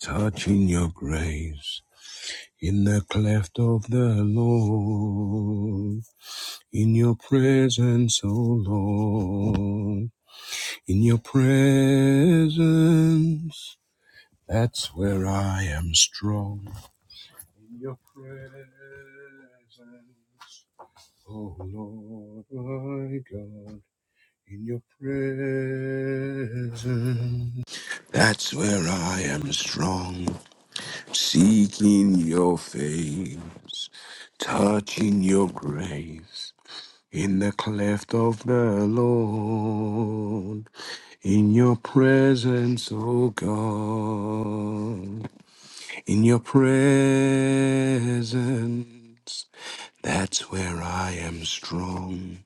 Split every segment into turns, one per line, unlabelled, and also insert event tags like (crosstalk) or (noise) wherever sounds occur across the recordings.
touching your grace in the cleft of the Lord, in your presence, O Lord, in your presence, that's where I am strong. In your presence, O Lord, my God, in your presence. That's where I am strong. seeking your face, touching your grace in the cleft of the Lord, in your presence, O God, in your presence. That's where I am strong.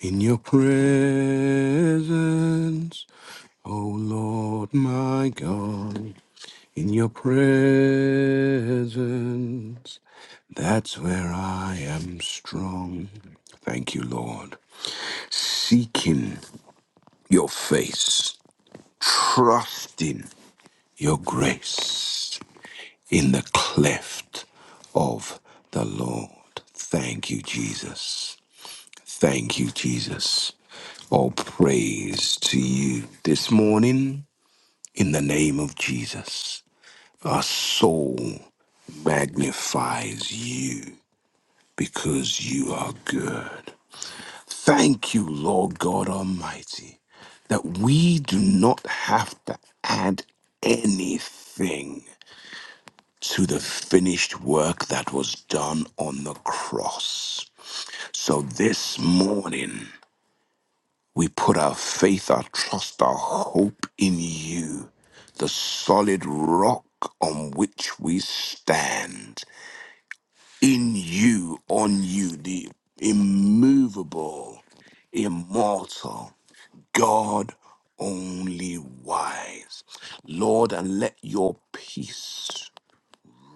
In your presence, O Lord my God. In your presence, that's where I am strong. Thank you, Lord. Seeking your face, trusting your grace in the cleft of the Lord. Thank you, Jesus. Thank you, Jesus. All praise to you this morning in the name of Jesus. Our soul magnifies you because you are good. Thank you, Lord God Almighty, that we do not have to add anything to the finished work that was done on the cross. So this morning, we put our faith, our trust, our hope in you, the solid rock on which we stand. in you, on you, the immovable, immortal, God only wise. Lord, and let your peace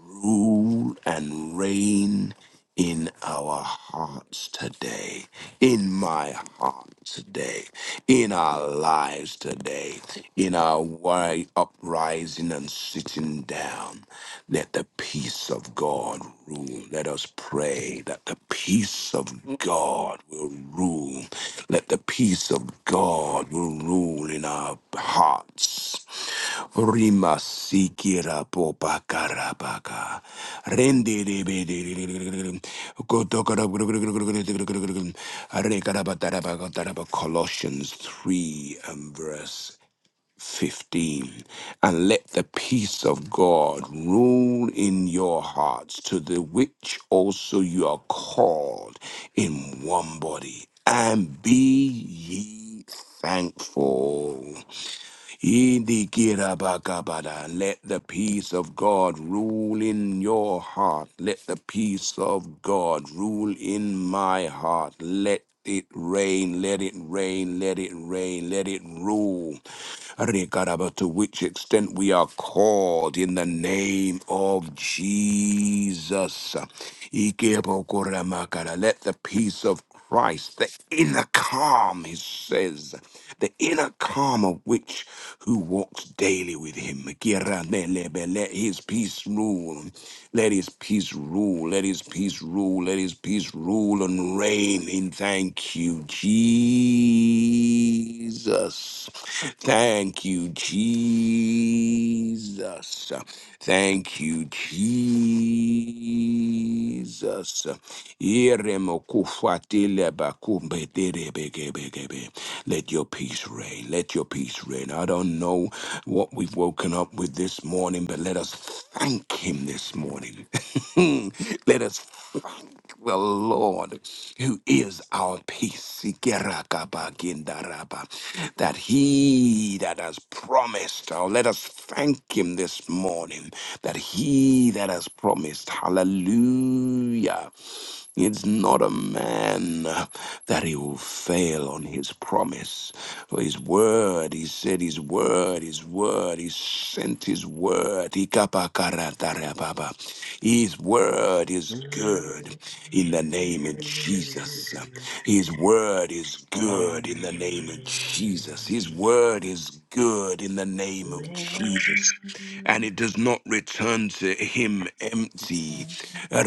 rule and reign in our hearts today, in my heart today, in our lives today, in our wide uprising and sitting down. Let the peace of God rule. Let us pray that the peace of God will rule. Let the peace of God will rule in our hearts. Rima sikira popa karabaka. Rende de be de de de de de de. Koto kara gru gru gru gru gru gru gru Colossians 3 and verse 15 and let the peace of God rule in your hearts to the which also you are called in one body and be ye thankful Yidikirabakabada. let the peace of God rule in your heart let the peace of God rule in my heart let it rain let it rain let it rain let it rule Rekaraba, to which extent we are called in the name of Jesus. Ikebokoramakara, Let the peace of Christ, the inner calm, he says, the inner calm of which who walks daily with him. Let his peace rule. Let his peace rule. Let his peace rule. Let his peace rule. His peace rule and reign in. Thank you, Jesus. Thank you, Jesus. Thank you, Jesus. Iremokufatelebakubederebegebegebe. Let your peace reign. Let your peace reign. I don't know what we've woken up with this morning, but let us thank Him this morning. (laughs) let us thank the Lord who is our peace. That He that has promised, oh, let us thank Him this morning, that He that has promised, hallelujah. It's not a man that he will fail on his promise. For his word, he said his word, his word, he sent his word. Ikapakaratareababa. His word is
You
good in the name of Jesus. His word is
are the
good in the
one
name of Jesus. His word is good in the name of Jesus and it does not return to him empty. Let's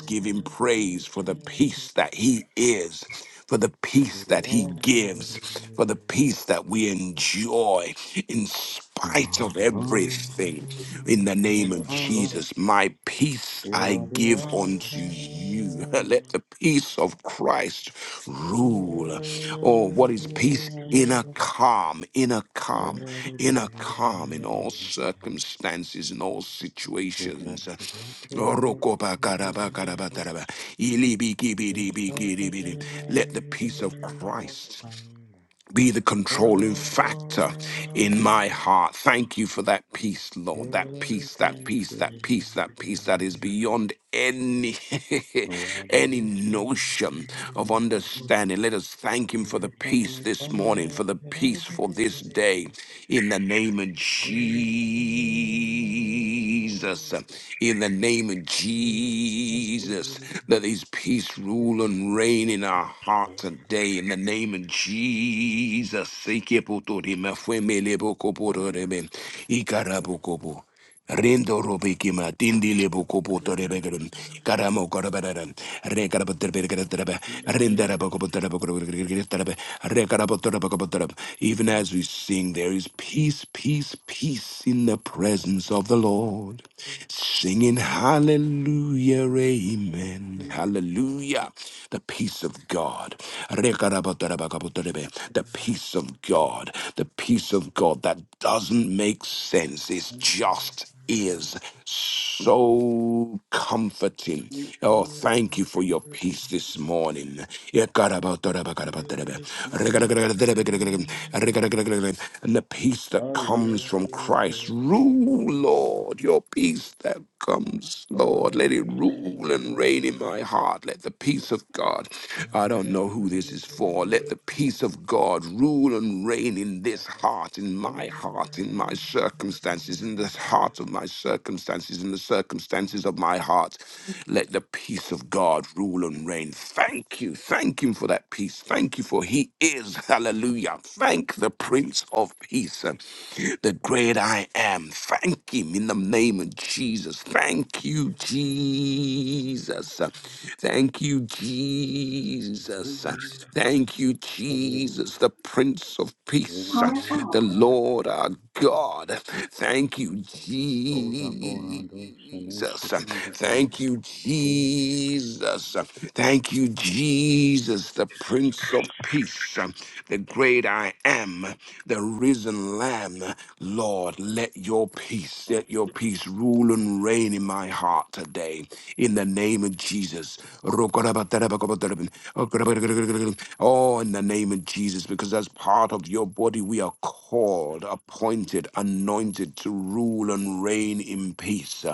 give him praise for the peace that he is. For the peace that he gives, for the peace that we enjoy in spite of everything. In the name of Jesus, my peace I give unto you. (laughs) Let the peace of Christ rule. Oh, what is peace? Inner calm, inner
I
calm,
love
inner
you.
calm in all circumstances, in all
You don't
situations. Let
deserve it. It's perfect
the peace of
in the
Christ
sun.
be the controlling
Oh,
factor
oh,
in my heart. Thank you for that peace,
oh,
Lord. That
oh,
peace, that
thank
peace, that peace, that peace that is
you.
beyond any
Thank
(laughs) any
you.
notion of understanding. Let us thank him for the peace this morning, for the peace for this day in the name of Jesus. In the name of Jesus. Let his peace rule and reign in our heart today. In the name of Jesus. Sekepotorima, fuemelebokopotoreme, ikarabokobo. Rindo Rubikima, Tindi Libukuputo Rebegram, Karamo Korabaran, Rekarabaterbe, Rendarabakopotarabakarabe, Rekarabotarabakabotarab. Even as we sing, there is peace, peace, peace in the presence of the Lord. Singing hallelujah, amen, hallelujah. The peace of God. Sunday. The peace of God, the peace of God that doesn't make sense, it's just is so comforting. Oh, thank you for your peace this morning. And the peace that comes from Christ. Rule, Lord, your peace that comes, Lord. Let it rule and reign in my heart. Let the peace of God, I don't know who this is for, let the peace of God rule and reign in this heart, in my heart, in my circumstances, in the heart of my circumstances, in the circumstances of my heart. Let the peace of God rule and reign. Thank you. Thank Him for that peace. Thank you for He is. Hallelujah. Thank the Prince of Peace the great I am. Thank Him in the name of Jesus. Thank you, Jesus. Thank you, Jesus. Thank you, Jesus, the Prince of Peace, the Lord our God. Thank you, Jesus. Jesus. Thank you, Jesus. Thank you, Jesus, the Prince of Peace, the great I am, the risen Lamb. Lord, let your peace, let your peace rule and reign in my heart today. In the name of Jesus. Oh, in the name of Jesus, because as part of your body, we are called, appointed, anointed to rule and reign in peace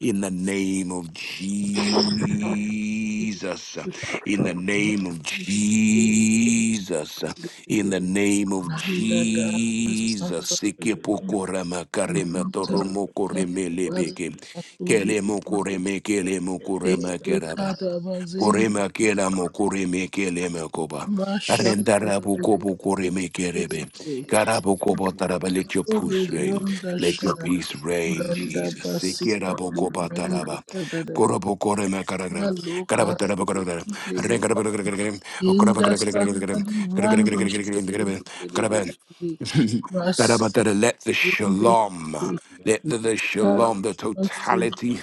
in the name of Jesus, in the name of Jesus, in the name of
Yanda da
Jesus.
sata
Sikepokorama
manta
karematoromo
ran
koremelebeke,
satuli
kelemo
de
koreme kelemo
de
korema
de
keraba.
kada bazin
Korema kela koreme kele koba.
masha
Arendara kobu koreme kerebe. God, abokobotaraba, let your
Tole
peace reign.
bronda
Let your
shara
peace reign,
manda
Jesus.
basita li bronda
Sekerabokobataraba.
sada da da da
Korobokoremakaragara.
malo katu
Karabatarabakaragara.
tele
Rekarabakaragara.
inda sata
Okorabakaragara.
li
Karabakaragara.
brando
Karabakaragara.
shete
Karabakaragara.
li
Karabakaragara. (laughs) Let the
Wonder
shalom. Let
day,
the, the shalom, the totality,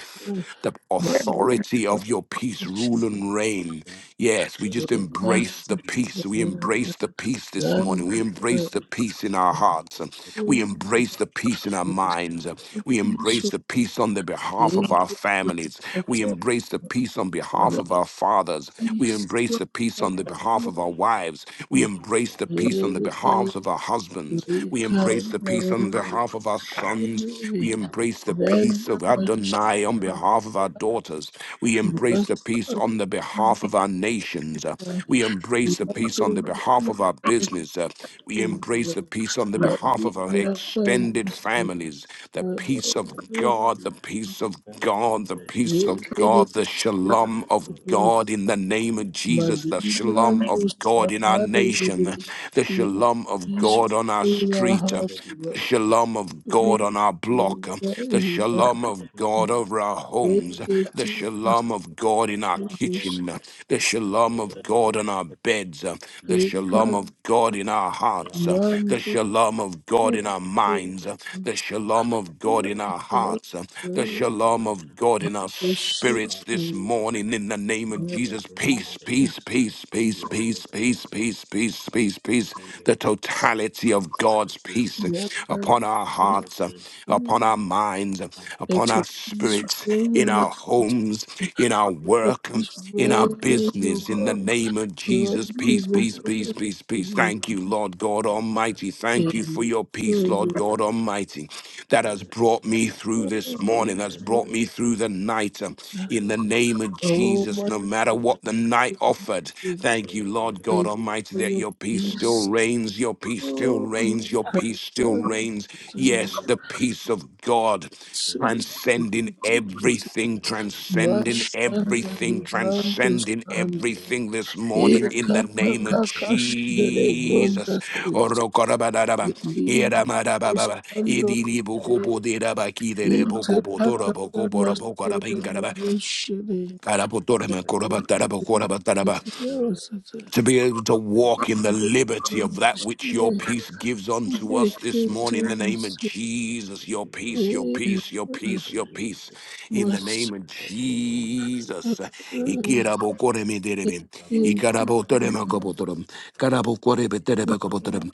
the authority of your peace rule and reign. Yes, we just embrace the peace. We embrace the peace this morning. We embrace the peace in our hearts. We embrace the peace in our minds. We embrace the peace on the behalf of our families. We embrace the peace on behalf of our fathers. We embrace the peace on the behalf of our wives. We embrace the peace on the behalf of our husbands. We embrace the peace on behalf of our sons. We embrace the peace of Adonai on behalf of our daughters. We embrace the peace on the behalf of our nations. Uh, We embrace the peace on the behalf of our business. Uh, We
Thank you.
embrace the peace on the
Let
behalf
me
of our
welcome
extended
to
families. The
the
peace of God, the peace of God, the peace peace of
wicked
God, the shalom of
was
God in the name of
my
Jesus, the shalom
Librando
of God in our
Sakari.
nation,
Ibi.
the
Let
shalom of
peace
God on our
reign in our
street,
hearts,
the
Lord.
shalom of
We
God on our block, the shalom of God
Abushaka
over our homes, the
vacating
kabera
us,
shalom of God in our
Lord.
kitchen,
rakosa
the shalom
kabera
of God on
kadosa
our beds, the
It
mention
shalom
can't
of God in our hearts, the
man
rakadisa
to
shalom of God
take
in our
the
rakadosa
minds, uh, the shalom of God
kadia
in our hearts, uh, the
kadia
shalom
kadosa
of God in our
worship.
spirits this
rakosa
morning
kadia
in the name of Jesus.
kadosa
Peace, peace, peace, peace,
yando
peace, peace,
kogan
peace, peace, peace, peace.
yakonde
The totality of God's
kuja
peace uh, upon our
Yakato
hearts, uh,
rakosa
upon our minds, uh, upon
Let
our
your peace
spirits, in
reign,
rand
Lord.
our homes, in our
Let your
work,
peace
in our
reign, O
business, is in the
God.
rakonde
name
kadia
of
Lord,
Jesus. Peace,
give us
peace,
such a
peace, peace, peace.
peaceful
Thank you, Lord God Almighty.
kadosa
Thank you for
Amen.
your peace, Lord
lunde
God
kadia
Almighty, that has
yando
brought me
kadia
through this
Amen.
morning, has
rende
brought me
kadia
through the night. um, In the
yendo
name of
Oh,
Jesus,
my
no matter
God,
kadia
what the night offered, thank you, Lord God
thank you
Almighty,
for
that
your
your peace still
peace.
reigns, your peace still
Oh, my
reigns, your peace still
God.
reigns. Yes, the peace of God
Such a
transcending
beautiful
everything,
Thank you.
transcending
Masha
Thank
everything,
Babi Randus
transcending
and
everything this morning in the
Eka
name of
Kaka Shidele
Jesus. Orokorabadadaba,
Libra
iramadababa,
buscando de
idiribokoboderabakidere,
interpretar más de
bokobotorabokoborabokorabinkaraba,
devoción
karabotoramakorabatarabako- to be able to walk in the liberty of that which your peace gives unto us this morning in the name of Jesus. Your peace, your peace, your peace, your peace in the name of Jesus. Ikirabokoremederebe, ikarabotoremakobotorom, karabokorebeterebekobotorom.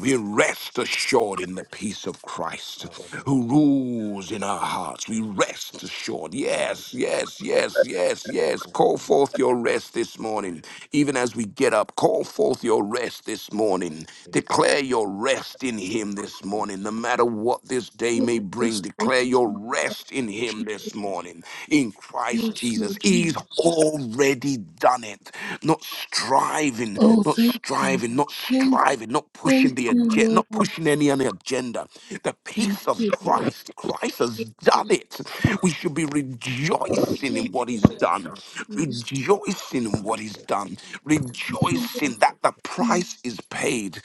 We rest assured in the peace of Christ who rules in our hearts. We rest assured. Yes, yes, yes, yes, yes. Call forth your rest rest this morning. Even as we get up, call forth your rest this morning. Declare your rest in Him this morning. No matter what this day may bring, declare your rest in Him this morning. In Christ
Yes,
Jesus,
Lord
He's
Jesus.
already done it. Not striving,
Oh,
not
thank you.
striving, not
Thank you.
striving, not pushing
Thank
the
you,
agenda, not
Lord.
pushing any other agenda. The
Thank
peace of
you,
Christ, Christ has
Lord.
done it. We should be
Thank
rejoicing
you,
in what He's
Lord,
done rejoicing in what he's done, rejoicing that the price is paid,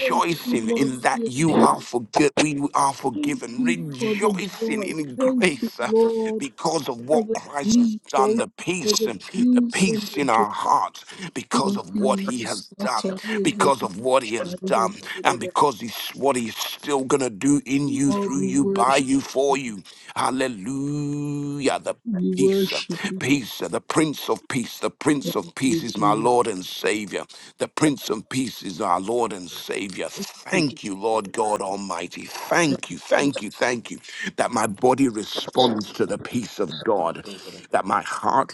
Thank you, Lord,
in
Thank you, Lord,
that you are forget we are
Thank
forgiven,
you for the
rejoicing
joy.
in
Thank you,
grace uh,
Lord,
because of
for
what
the
Christ has
peace.
done,
Thank
the
you for
peace,
the
um, the
peace and
peace
the
in
joy.
our hearts because
Thank
of what
you,
he has done,
Master.
because of what he has done, and because he's what he's still gonna do in you,
Lord,
through
we
you, by
worship
you, for
you.
you. Hallelujah. The
We
Peace, uh,
worship you.
peace, uh, the Prince of Peace, the Prince
Thank
of Peace
you,
is my
Jesus.
Lord and Savior. The Prince of Peace is our Lord and Savior.
Thank
Thank you, Lord God Almighty. Thank you, thank you, thank you that my body responds to the peace of God, that my heart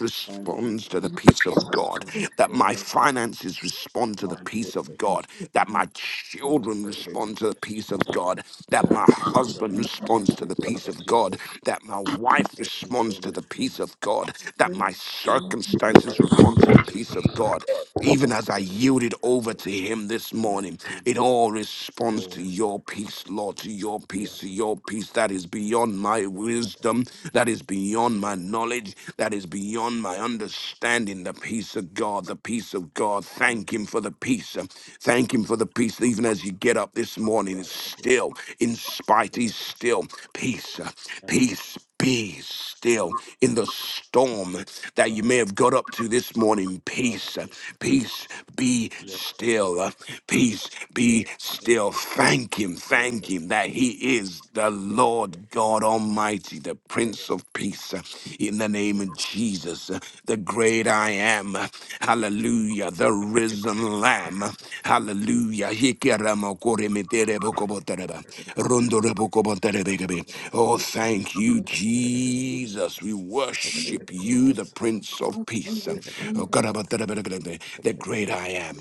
you,
responds to the
Jesus.
peace of God, that my finances respond to the
Manto
peace of
you,
Pretus,
God, that
Jesus.
my children
Manto
respond
Predis,
to the peace of God, that my husband
Yokotoza
responds to the peace of
Bracketia
God,
Pet
that my wife responds to
Rantobos
the peace
Conda
of God, that
Thank
Lin
my circumstances respond to the
Ari
peace of
Kaba
God. Even as I
Retil
yield it over
Shate
to Him this morning, it
Masuba
all
O
responds to your
Lakata
peace, Lord, to your
Ya
peace, to your peace that is beyond my
Yakata
wisdom, that is beyond my
Yakata
knowledge, that is beyond my
Yakata
understanding. The peace of God, the peace of God.
Yakata
Thank Him for the peace. Thank Him for the peace, that even as you get up this morning, is
Rakabia
still, in spite,
Sula
is still peace, uh,
and
peace. Be
Mas
still in the storm that
Ra
you may have got up to this morning.
Rab
Peace, uh, peace, be
Yakabra
still, uh, peace, be
Yak,
still. Thank Him, thank
Yakata
Him that He is the
Yakata
Lord God Almighty, the Prince
Yakata
of Peace. uh, In the name of Jesus, uh, the the great I am. Hallelujah, the risen lamb. Hallelujah. Hikeramokoremeterebokobotereba, rondorebokoboterebekebe. Oh, thank you, Jesus. We worship
you,
you,
God.
the Prince of Peace.
Yakata
Master,
Okarabaterebekebe, The great
Yakata,
I am.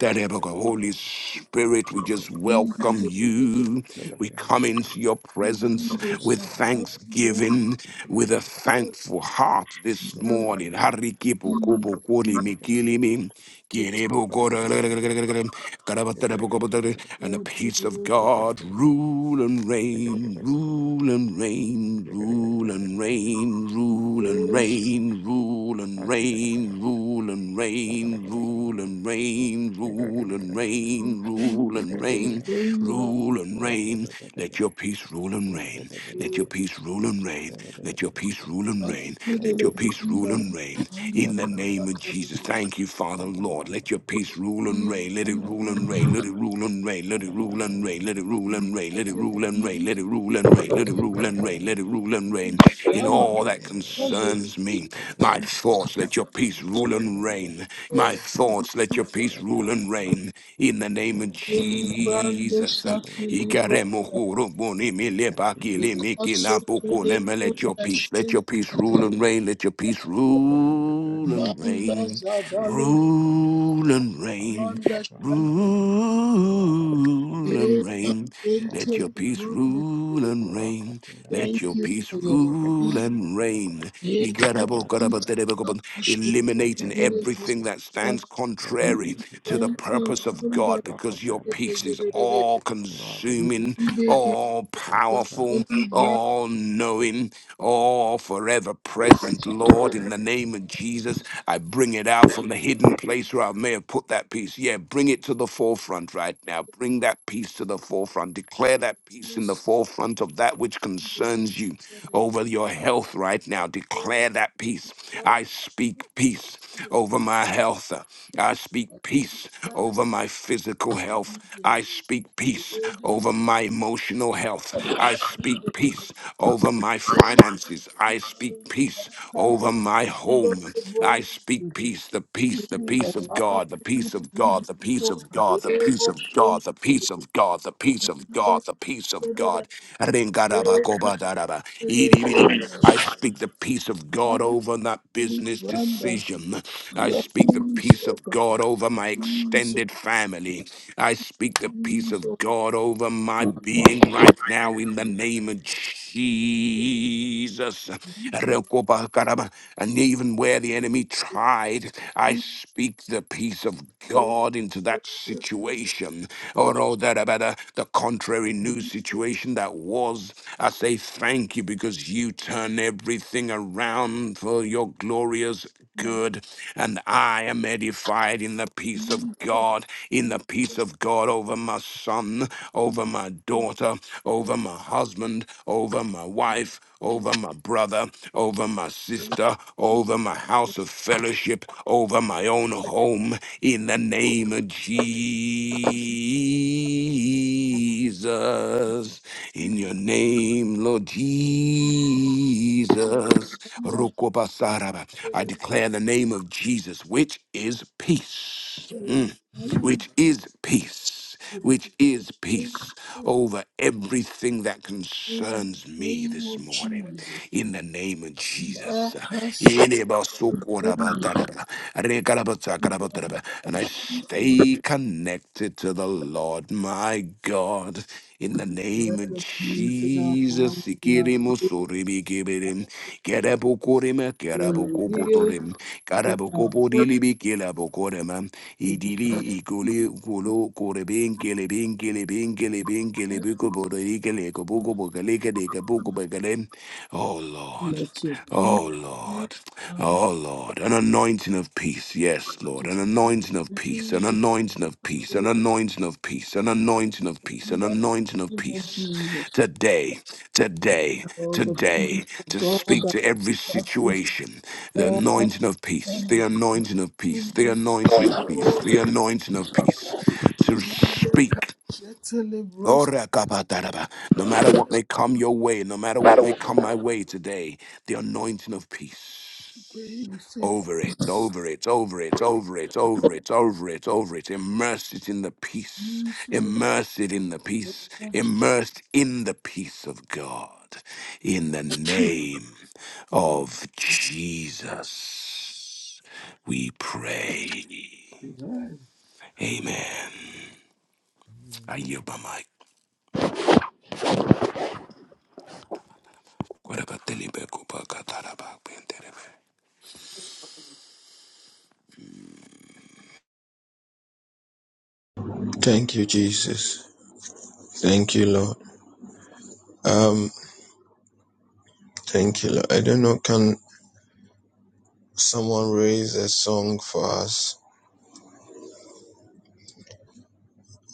Yakata, Yakata,
Holy Spirit,
Thank
we
you.
just
we
welcome
worship you.
you. We come into your presence with with thanksgiving, with a thankful heart this morning. Harikipukubukwuli mikilimi, kiribukoro- And the peace of God rule and reign, rule and reign, rule and reign, rule and reign, rule and reign, rule and reign, rule and reign, rule and reign, rule and reign, and reign, rule and reign. Let your peace rule and reign. Let your peace rule and reign. Let your peace rule and reign. Let your peace rule and reign. In the name of Jesus. Thank you, Father, Lord. Let your peace rule and reign. Let it rule and
Bandas
reign. Let it rule and reign. Let it
Rakatila,
rule and reign.
Rakatila,
Let it rule and reign. Let it rule and reign. Let it rule and reign. Let it
Rakatila,
rule and reign. Let it rule and
Rakatila,
reign. In all that concerns me, my thoughts, let your peace rule and reign. My thoughts, let your peace rule and reign in the name of Jesus. Ikaremo horoboni mele bakile miki lampoko leme. Let your peace, let your peace rule and reign, let your peace rule and reign,
are darling,
rule and reign,
Randa
rule and
Take us
reign. Let
into
your
the
peace
room.
rule
Lord.
and reign. Let
Thank
your
you
peace
for your
rule
peace.
and reign.
Take us into
Igarabo-garaba-derebe-gobo-
the black. It
Rakatila,
Eliminating
is
everything
Rakatila,
that
the
stands contrary
Rakadis
to the
black up
purpose of
in the
God
room.
because your
Rakatala
It is
peace
the black up in the room.
is
It
all
Rakadis
consuming,
Kadina
all
Rakatala
powerful, all knowing, all forever present. Lord, in the name of Jesus, I bring it out from the hidden place where I may have put that peace. Yeah, bring it to the forefront right now. Bring bring that peace to the forefront. Declare that peace in the forefront of that which concerns you over your health right now. Declare that peace. I speak peace over my health. I speak peace over my physical health. I speak peace over my emotional health. I speak peace over my finances. I speak peace over my my home. I speak peace, the peace, the peace
is
of God, the peace of God, the peace of God, the
the
peace of
worship. Thank you.
God, the peace of God, the peace of God,
Actually,
the peace of God. Ringarabakobadaraba. Iribiri. I speak the peace of God over that business
Branda,
decision. I
your
speak the
peace,
peace of
oh God,
God over my
peace,
extended family. I speak the peace of
peace, oh
God over my being right now in the name of Jesus. Rekobakaraba. And even where the enemy tried, I speak the peace of God into that situation. Or oh, that uh, the contrary new situation that was. I say thank you because you turn everything around for your glorious good, and I am edified in the peace of God, in the peace of God over my son, over my daughter, over my husband, over my wife, over my brother, over my sister, over my house of fellowship, over my own home, in the name of Jesus. In your name, Lord Jesus.
God,
Rokobasaraba. I
it
declare the name of Jesus, which is peace,
is
Mm. which
understood
is peace, which is peace
very
over everything that
in
concerns
the
me
name
this
of
morning.
Jesus.
In the name of
Mark
Jesus,
us in the
Ilibasukurabatanereba, rekarabatakarabatereba. And I
peace in
stay connected to the Lord, my God. In the name of
peace in our minds,
Jesus,
in our place,
Sikirimusuribikibirim, Kerabukurima,
in our will,
Kerabukubutorim,
in our body,
Karabukubudilibikelabukorema,
to declare
Idili Ikuli Kulu Kuribin Kilibin Kilibin Kilibin Kilibikuburikele Kabukubukalika de Kabukubakalem. Oh Lord.
Let your peace
Oh
I
Lord,
want
oh Lord, an anointing of peace, yes, Lord,
to
an anointing of
be with
peace, an
you
anointing of peace, an anointing of peace, an anointing of peace, an
that
anointing of
name of
peace.
Jesus.
Today, today,
Oh, the
today,
peace of
to
God
speak
that
to every
passes
situation, the
all
anointing of peace, the
understanding.
anointing of peace,
In
the
this
anointing of peace, the anointing of peace, to speak
gently roast
Orakapataraba. No matter what may come your way, no matter what may come my way today, the anointing of
away.
peace.
we say
Over it, over it, over it, over it, over it, over it, over it. Immerse it in the peace.
peace of
Immerse it
the
in the
name
peace.
of Jesus.
Immersed in the peace of God. In the name
Amen.
of Jesus, we pray. Amen. I yield my mic. Where
Thank you, Jesus. Thank you, Lord. Um, thank you, Lord. I don't know, can someone raise a song for us?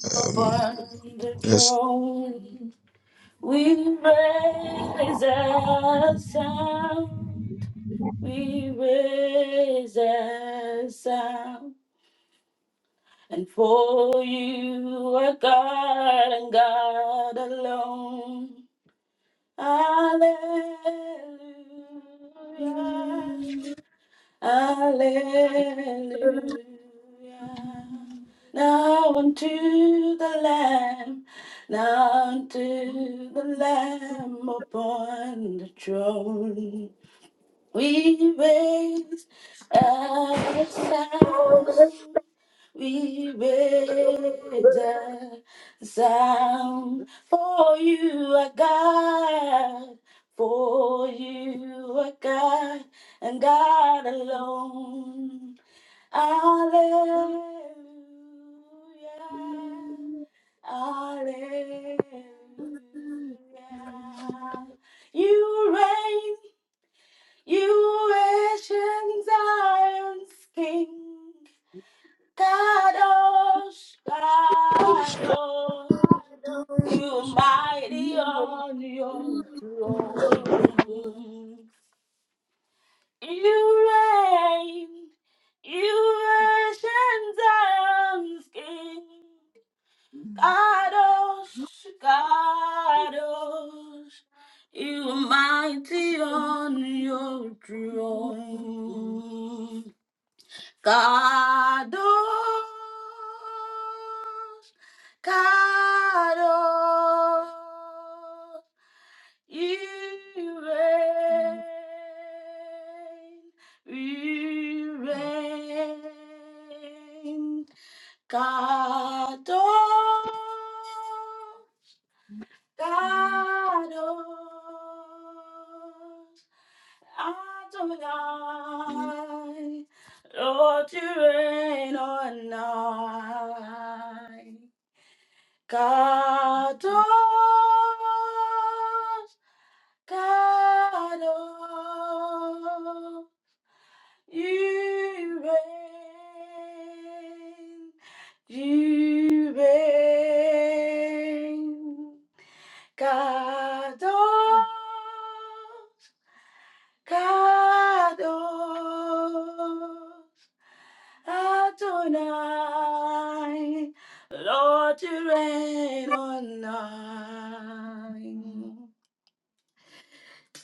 Um,
upon the
yes.
throne. We raise a sound. We raise a sound. And for you are God and God alone. Hallelujah. Hallelujah. Now unto the Lamb, now unto the Lamb upon the throne. We raise a sound. We raise a sound for you, our God. For you, our God, and God alone. Alleluia. Alleluia. You reign. You ancient Zion's King, Kadosh, Kadosh, you mighty on your throne. You reign, you ancient Zion's King, Kadosh, Kadosh, you mighty on your throne. Kadosh, Kadosh, you reign, you reign. Kadosh, Kadosh, Adonai, Lord, you reign on high. Kadosh, Kadosh, you reign, you reign. Kadosh, Kadosh Adonai, Lord, you reign on high.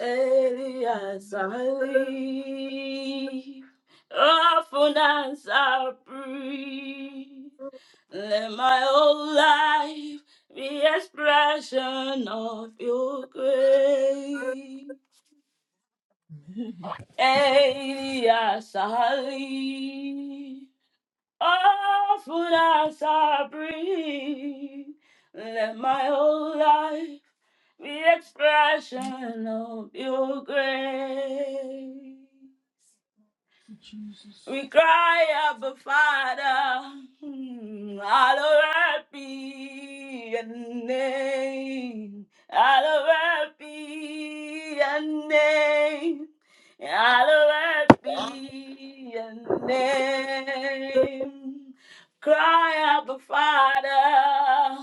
Elias Ali, often as I breathe, let my whole life be expression of your grace. Elia Sahali. Often as I breathe, let my whole life be expression of your grace.
Jesus.
We cry, Abba Father, hallowed be your name, hallowed be your name, hallowed be your name. Cry, Abba Father,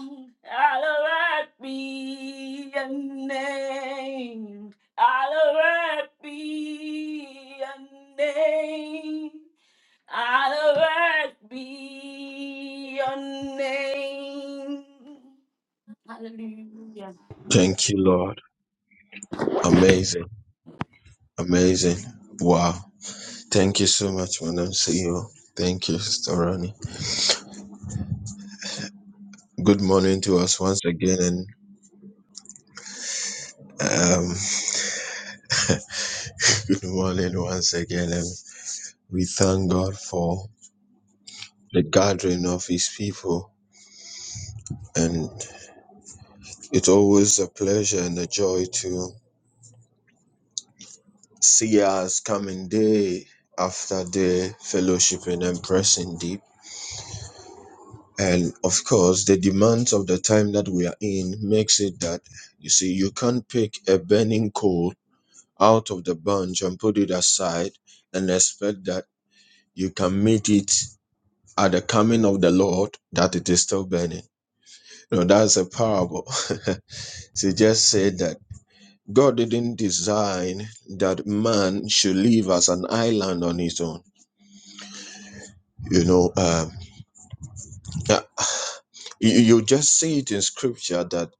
hallowed be your name, hallowed be your name. Out of earth be your name. Hallelujah.
Thank you, Lord. Amazing. Amazing. Wow. Thank you so much, Madam CEO. Thank you, Sister Ronnie. Good morning to us once again. And um, (laughs) good morning once again. And we thank God for the gathering of His people. And it's always a pleasure and a joy to see us coming day after day, fellowshipping and pressing deep. And of course, the demands of the time that we are in makes it that you see, you can't pick a burning coal out of the bunch and put it aside and expect that you can meet it at the coming of the Lord that it is still burning. You know, that's a parable. (laughs) so just said that God didn't design that man should live as an island on his own. You know, uh, Yeah, you, you just see it in scripture that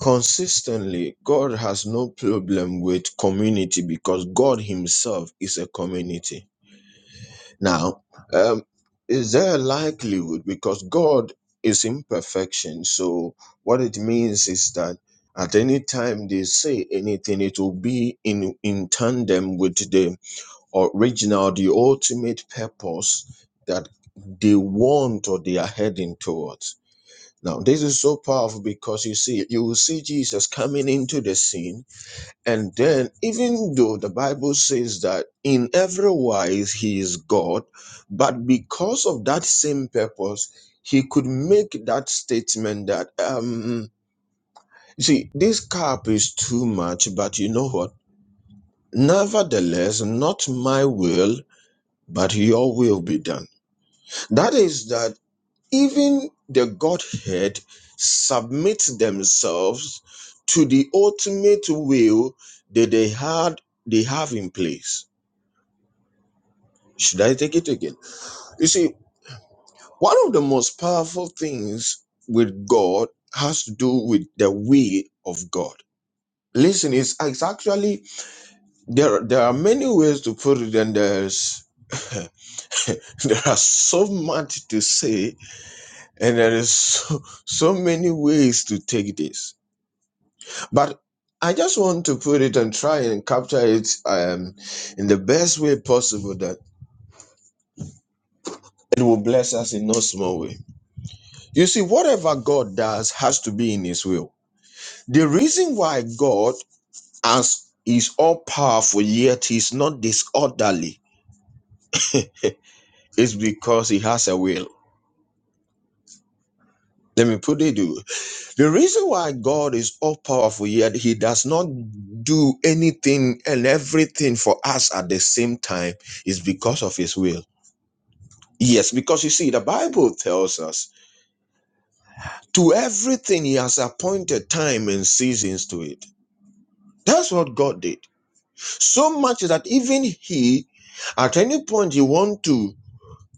consistently God has no problem with community because God Himself is a community. Now, um, is there a likelihood because God is imperfection? So, what it means is that at any time they say anything, it will be in, in tandem with the original, the ultimate purpose that they want or they are heading towards. Now, this is so powerful because you see, you will see Jesus coming into the scene, and then even though the Bible says that in every wise he is God, but because of that same purpose, he could make that statement that, um, you see, this cup is too much, but you know what? Nevertheless, not my will, but your will be done. That is that even the Godhead submit themselves to the ultimate will that they had they have in place. Should I take it again? You see, one of the most powerful things with God has to do with the will of God. Listen, it's, it's actually there. There are many ways to put it, and there's (laughs) there are so much to say, and there is so, so many ways to take this But I just want to put it and try and capture it um, in the best way possible that it will bless us in no small way. You see, whatever God does has to be in His will. The reason why God as is all powerful yet He's not disorderly is because He has a will. Let me put it to you. The reason why God is all powerful yet He does not do anything and everything for us at the same time is because of His will. Yes, because you see, the Bible tells us to everything He has appointed time and seasons to it. That's what God did. So much that even He, at any point, He want to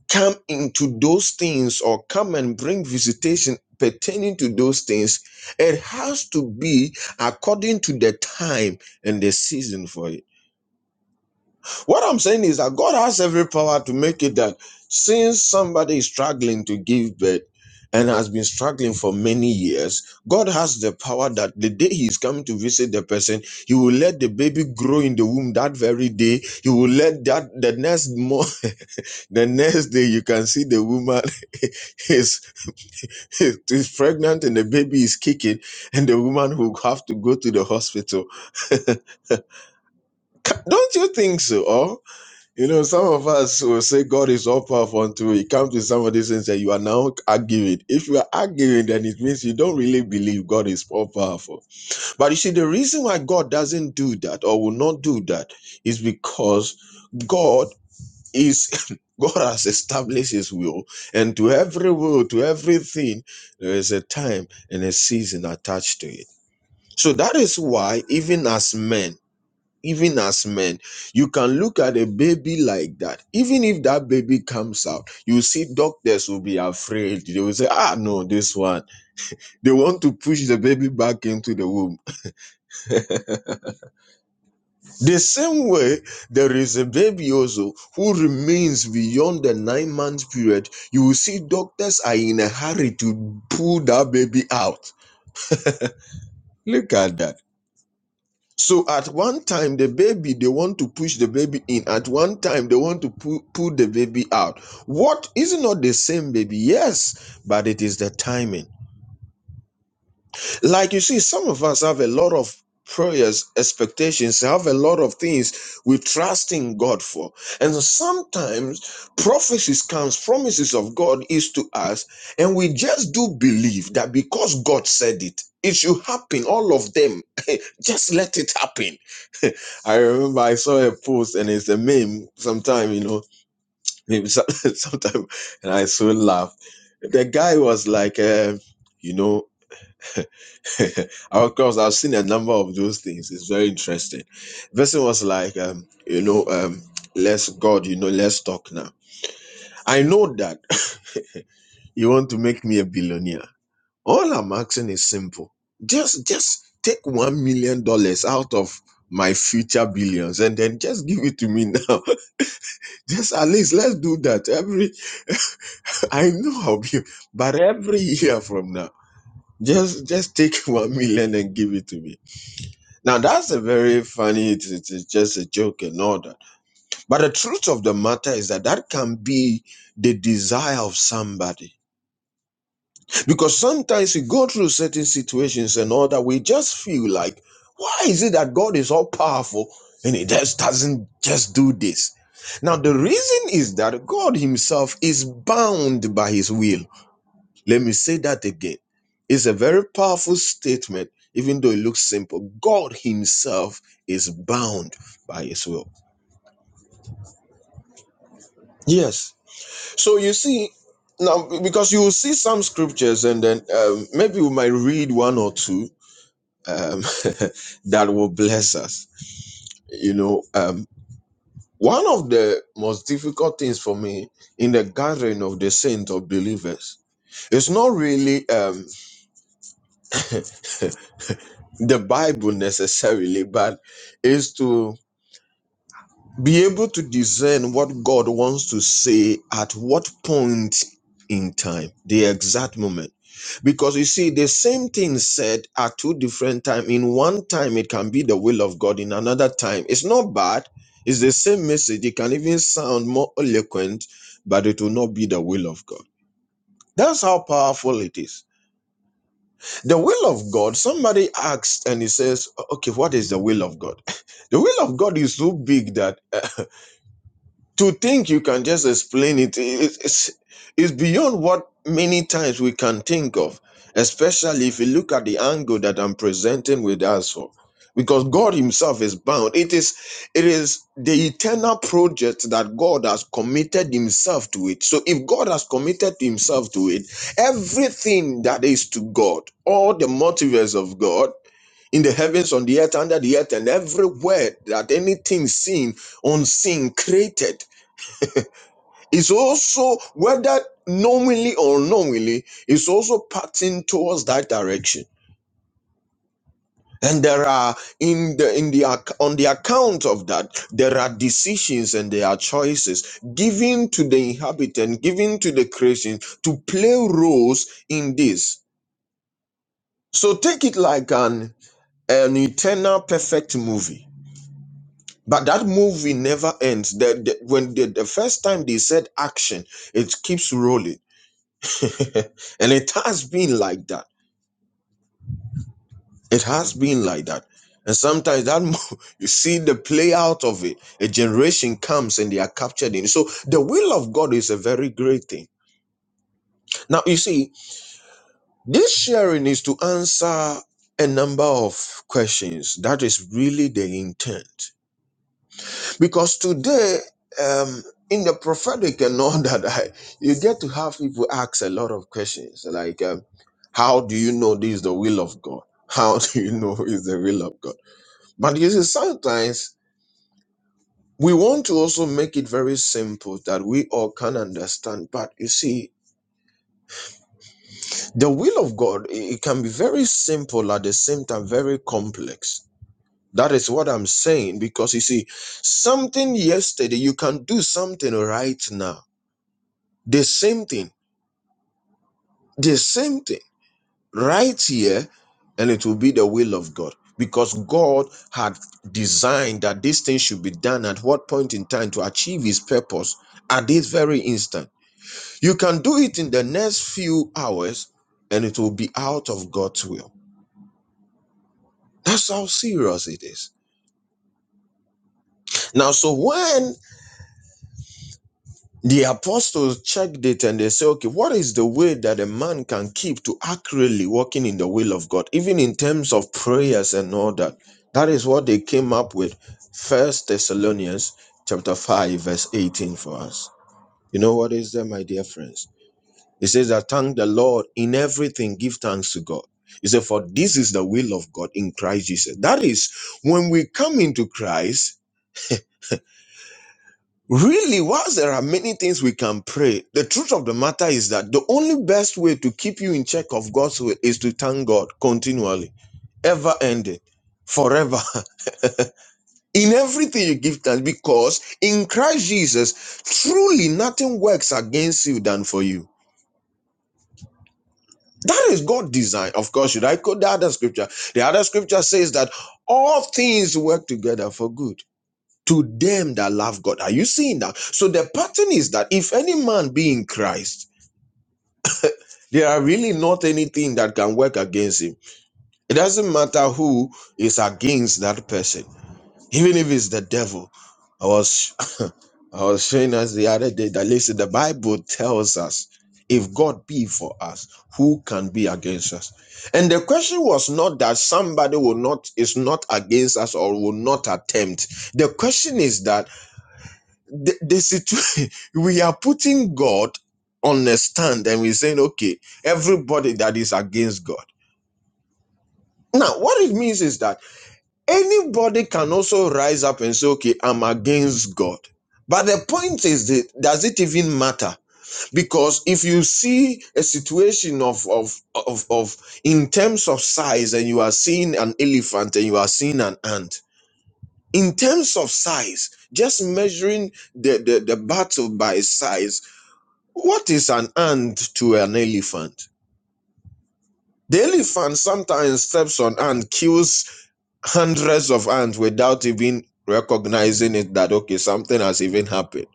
come into those things or come and bring visitation pertaining to those things, it has to be according to the time and the season for it. What I'm saying is that God has every power to make it that since somebody is struggling to give birth and has been struggling for many years, God has the power that the day He is coming to visit the person, He will let the baby grow in the womb that very day. He will let that the next mo- (laughs) the next day you can see the woman (laughs) is, is pregnant and the baby is kicking, and the woman will have to go to the hospital. Ca- Don't you think so? Or You know, some of us will say God is all powerful until it comes to somebody and say you are now arguing. If you are arguing, then it means you don't really believe God is all powerful. But you see, the reason why God doesn't do that or will not do that is because God is (laughs) God has established his will, and to every will, to everything, there is a time and a season attached to it. So that is why, even as men even as men you can look at a baby like that even if that baby comes out you see doctors will be afraid they will say ah no this one they want to push the baby back into the womb the same way there is a baby also who remains beyond the nine month period you will see doctors are in a hurry to pull that baby out look at that So at one time, the baby, they want to push the baby in. At one time, they want to pu- pull the baby out. What is it not the same baby? Yes, but it is the timing like you see some of us have a lot of prayers expectations have a lot of things we trust in god for and sometimes prophecies comes promises of god is to us and we just do believe that because god said it it should happen all of them (laughs) just let it happen (laughs) i remember i saw a post and it's a meme sometime you know maybe some- (laughs) sometime and i so laugh the guy was like uh, you know (laughs) of course, I've seen a number of those things. It's very interesting. Person was like, um, you know, um, let's God, you know, let's talk now. I know that (laughs) you want to make me a billionaire. All I'm asking is simple. Just, just take one million dollars out of my future billions and then just give it to me now. (laughs) just at least let's do that. Every (laughs) I know I'll be, but every year from now, just just take (laughs) one million and give it to me Now that's a very funny. It's, it's, it's just a joke and all that. But the truth of the matter is that that can be the desire of somebody because sometimes we go through certain situations and all that. We just feel like, why is it that God is all powerful and He just doesn't just do this? Now the reason is that God Himself is bound by His will. Let me say that again. It's a very powerful statement, even though it looks simple. God Himself is bound by His will. Yes. So you see, now because you will see some scriptures, and then um, maybe we might read one or two um, (laughs) that will bless us. You know, um, one of the most difficult things for me in the gathering of the saints of believers is not really um, the Bible necessarily, but is to Be able to discern what God wants to say at what point in time, the exact moment. Because you see, the same thing said at two different times. In one time, it can be the will of God. In another time, it's not bad. It's the same message. It can even sound more eloquent, but it will not be the will of God. That's how powerful it is. The will of God, somebody asks and he says, Okay, what is the will of God? (laughs) the will of God is so big that (laughs) to think you can just explain it is it's, it's beyond what many times we can think of especially if you look at the angle that i'm presenting with us for because god himself is bound it is it is the eternal project that god has committed himself to it so if god has committed himself to it everything that is to god all the multiverse of god in the heavens on the earth under the earth and everywhere that anything seen unseen created it's also, whether knowingly or unknowingly, it's also parting towards that direction. And there are in the in the ac- on the account of that, there are decisions and there are choices given to the inhabitant, given to the creation to play roles in this. So take it like an an eternal perfect movie. But that movie never ends. The, the- when the, the first time they said action, it keeps rolling (laughs) and it has been like that. It has been like that. And sometimes that mo- (laughs) you see the play out of it. A generation comes and they are captured in. it. So the will of God is a very great thing. Now you see, this sharing is to answer a number of questions. That is really the intent. Because today, um, in the prophetic and all (laughs) that, I, you get to have people ask a lot of questions like, um, how do you know this is the will of God? (laughs) How do you know (laughs) is the will of God? But you see, sometimes we want to also make it very simple that we all can understand. But you see, the will of God, it it can be very simple at the same time, very complex. That is what I'm saying because you see, something yesterday, you can do something right now The same thing, the same thing, right here, and it will be the will of God. Because God had designed that this thing should be done at what point in time to achieve his purpose at this very instant. You can do it in the next few hours and it will be out of God's will. That's how serious it is. Now, so when The apostles checked it and they say, okay, what is the way that a man can keep to accurately walking in the will of God, even in terms of prayers and all that? That is what they came up with. First Thessalonians chapter 5, verse 18 for us. You know what is there, my dear friends? It says that thank the Lord in everything, give thanks to God. He said, For this is the will of God in Christ Jesus. That is, when we come into Christ, Really, whilst there are many things we can pray, the truth of the matter is that the only best way to keep you in check of God's will is to thank God continually, ever ending, forever. (laughs) In everything you give thanks, because in Christ Jesus, truly nothing works against you than for you. That is God's design. Of course, should I quote the other scripture? The other scripture says that all things work together for good to them that love God. Are you seeing that? So the pattern is that if any man be in Christ, There are really not anything that can work against him. It doesn't matter who is against that person, even if it's the devil. I was (laughs) I was showing us the other day that listen, the Bible tells us if God be for us, who can be against us? And the question was not that somebody will not is not against us or will not attempt. The question is that the, the situation (laughs) we are putting God on a stand and we're saying, okay, everybody that is against God. Now, what it means is that anybody can also rise up and say, okay, I'm against God. But the point is, that, does it even matter? Because if you see a situation of, of, of, of, in terms of size, and you are seeing an elephant and you are seeing an ant, in terms of size, just measuring the, the, the battle by size, what is an ant to an elephant? The elephant sometimes steps on ant, kills hundreds of hands without even recognizing it that okay something has even happened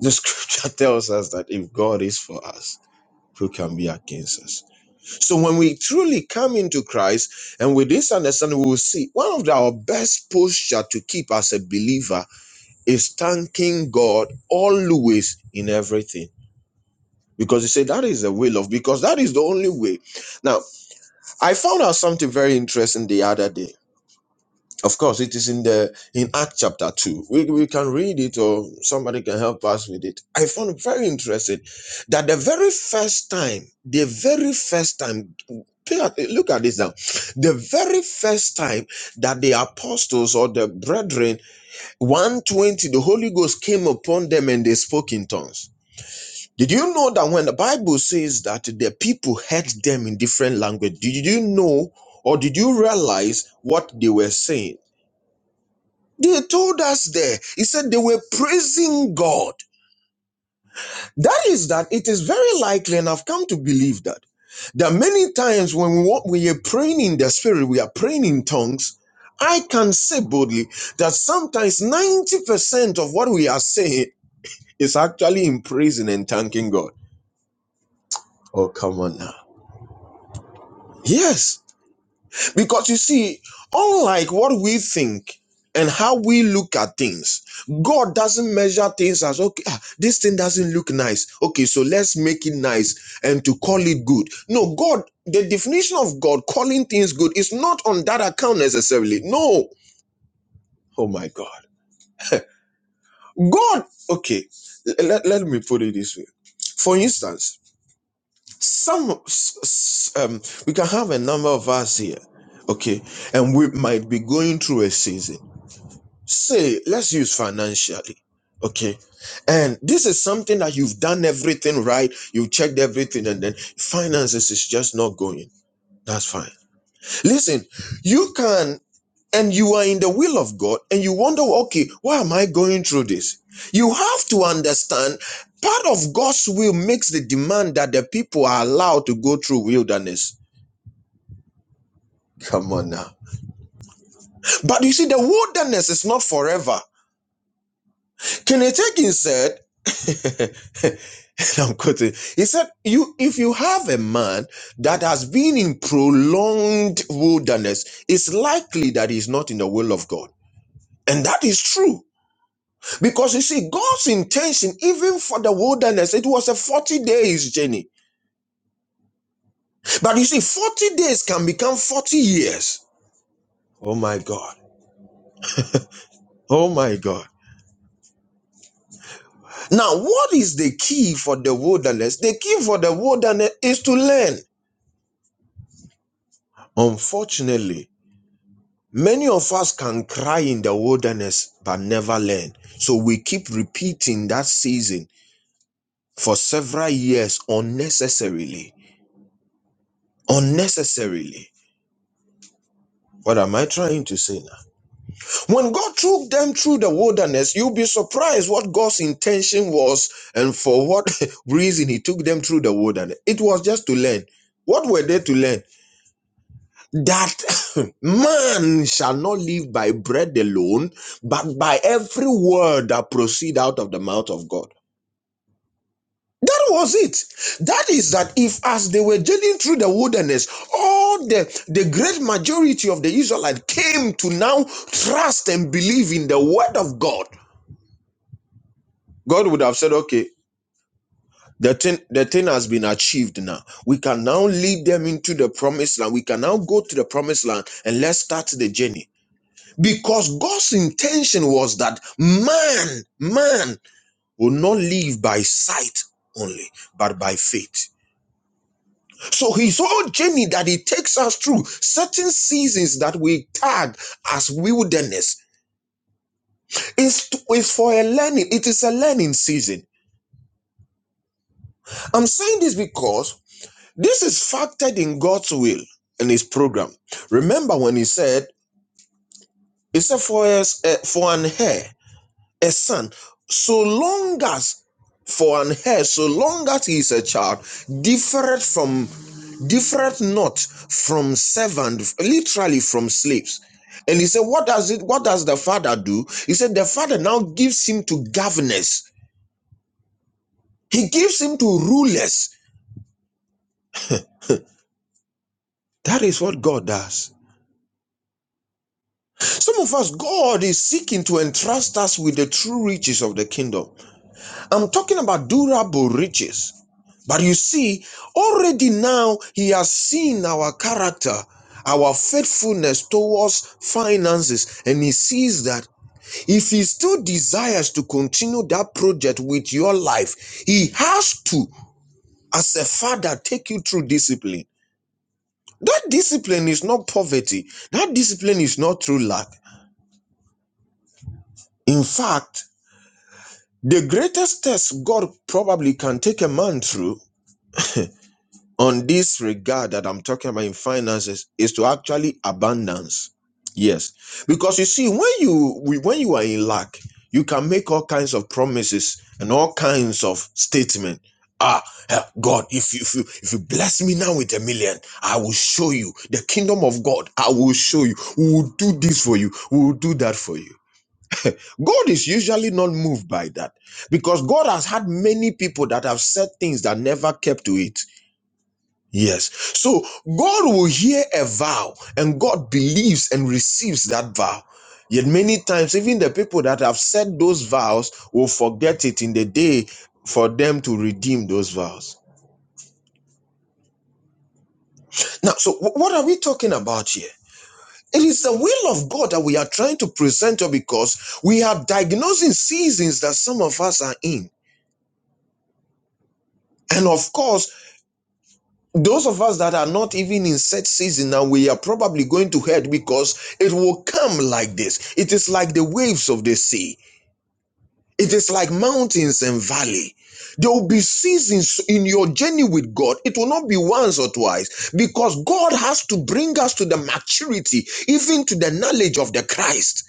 the scripture (laughs) tells us that if god is for us who can be against us so when we truly come into christ and with this understanding we will see one of our best posture to keep as a believer is thanking god always in everything because you say that is the will of because that is the only way now i found out something very interesting the other day Of course, it is in the in Act chapter two. We, we can read it, or somebody can help us with it. I found it very interesting that the very first time, the very first time, pay at- look at this now, the very first time that the apostles or the brethren one twenty, the Holy Ghost came upon them and they spoke in tongues. Did you know that when the Bible says that the people heard them in different language? Did you know or did you realize what they were saying? They told us there. He said they were praising God. That is that it is very likely, and I've come to believe that, that many times when we, wa- we are praying in the spirit, we are praying in tongues. I can say boldly that sometimes 90% of what we are saying is actually in praising and thanking God. Oh, come on now. Yes. Because you see, unlike what we think and how we look at things, God doesn't measure things as okay, ah, this thing doesn't look nice. Okay, so let's make it nice and to call it good. No, God, the definition of God calling things good is not on that account necessarily. No. Oh my God. God, okay, let, let me put it this way. For instance, some s- s- um, we can have a number of us here, okay, and we might be going through a season Say, let's use financially. Okay. And this is something that you've done everything right. You've checked everything and then finances is just not going. That's fine. Listen, you can, and you are in the will of God and you wonder, okay, why am I going through this? You have to understand part of God's will makes the demand that the people are allowed to go through wilderness. Come on now. But you see, the wilderness is not forever. Kenneth Hagin said, (laughs) (laughs) I'm quoting. He said, "You, if you have a man that has been in prolonged wilderness, it's likely that he's not in the will of God." And that is true. Because you see, God's intention, even for the wilderness, it was a 40 days journey. But you see, 40 days can become 40 years. Oh my God. Oh my God. Now, what is the key for the wilderness? The key for the wilderness is to learn. Unfortunately, Many of us can cry in the wilderness but never learn. So we keep repeating that season for several years unnecessarily. Unnecessarily. What am I trying to say now? When God took them through the wilderness, you'll be surprised what God's intention was and for what (laughs) reason He took them through the wilderness. It was just to learn. What were they to learn? that (coughs) (laughs) man shall not live by bread alone, but by every word that proceed out of the mouth of God. That was it. That is that if as they were journeying through the wilderness, all the, the great majority of the Israelites came to now trust and believe in the word of God, God would have said, okay, the thing, the thing has been achieved now. We can now lead them into the promised land. We can now go to the promised land and let's start the journey. Because God's intention was that man, man will not live by sight only, but by faith. So his whole journey that he takes us through, certain seasons that we tag as wilderness, is, is for a learning. It is a learning season. I'm saying this because this is factored in God's will and his program. Remember when he said, he said for, us, uh, for an hair, a son, so long as for an heir, so long as he is a child, different from different not from servant, literally from slaves. And he said, What does it what does the father do? He said, The father now gives him to governors, he gives him to rulers. That is what God does. Some of us, God is seeking to entrust us with the true riches of the kingdom. I'm talking about durable riches. But you see, already now he has seen our character, our faithfulness towards finances, and he sees that if he still desires to continue that project with your life, he has to, as a father, take you through discipline. That discipline is not poverty, that discipline is not through lack. In fact, the greatest test God probably can take a man through on this regard that I'm talking about in finances is to actually abundance. Yes, because you see, when you when you are in lack, you can make all kinds of promises and all kinds of statement. Ah, eh, God, if you, if you if you bless me now with a million, I will show you the kingdom of God. I will show you. We will do this for you. We will do that for you. God is usually not moved by that because God has had many people that have said things that never kept to it. Yes. So God will hear a vow and God believes and receives that vow. Yet many times, even the people that have said those vows will forget it in the day for them to redeem those vows. Now, so wh- what are we talking about here? It is the will of God that we are trying to present to because we are diagnosing seasons that some of us are in. And of course, Those of us that are not even in set season now we are probably going to head because it will come like this. It is like the waves of the sea. It is like mountains and valley. There will be seasons in your journey with God. It will not be once or twice because God has to bring us to the maturity, even to the knowledge of the Christ.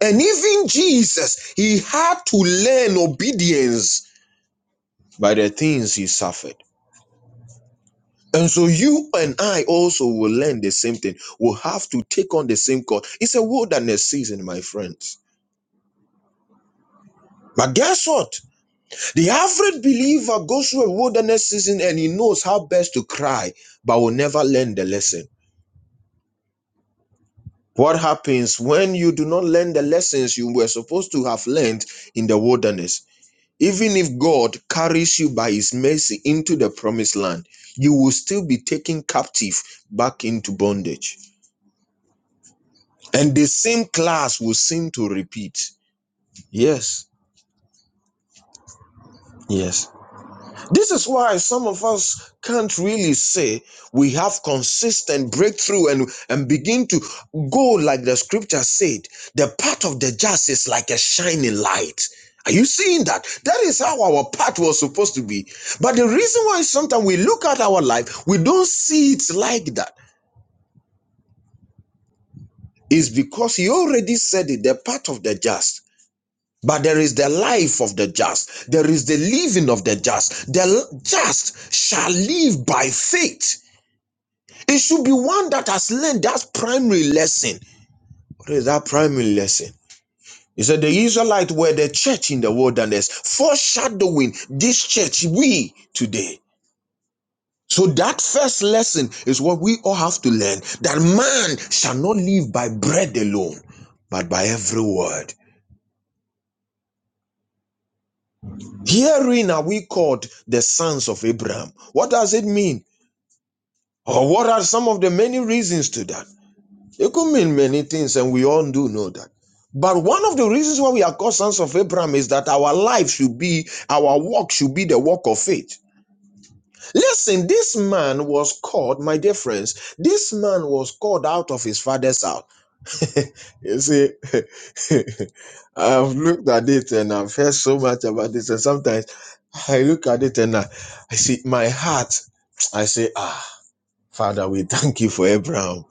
And even Jesus, he had to learn obedience by the things he suffered. And so you and I also will learn the same thing. We'll have to take on the same call. It's a wilderness season, my friends. But guess what? The average believer goes through a wilderness season and he knows how best to cry, but will never learn the lesson. What happens when you do not learn the lessons you were supposed to have learned in the wilderness? Even if God carries you by his mercy into the promised land, you will still be taken captive back into bondage. and the same class will seem to repeat. Yes, yes. This is why some of us can't really say we have consistent breakthrough and, and begin to go like the scripture said. The path of the just is like a shining light. Are you seeing that? That is how our path was supposed to be. But the reason why sometimes we look at our life, we don't see it like that is because he already said it, the path of the just But there is the life of the just. There is the living of the just. The just shall live by faith. It should be one that has learned that primary lesson. What is that primary lesson? He said the Israelites were the church in the wilderness, foreshadowing this church we today. So that first lesson is what we all have to learn that man shall not live by bread alone, but by every word. Herein are we called the sons of Abraham. What does it mean? Or what are some of the many reasons to that? It could mean many things, and we all do know that. But one of the reasons why we are called sons of Abraham is that our life should be, our walk should be the walk of faith. Listen, this man was called, my dear friends, this man was called out of his father's house you see, (laughs) I've looked at it and I've heard so much about this, and sometimes I look at it and I, I see my heart. I say, Ah, Father, we thank you for Abraham.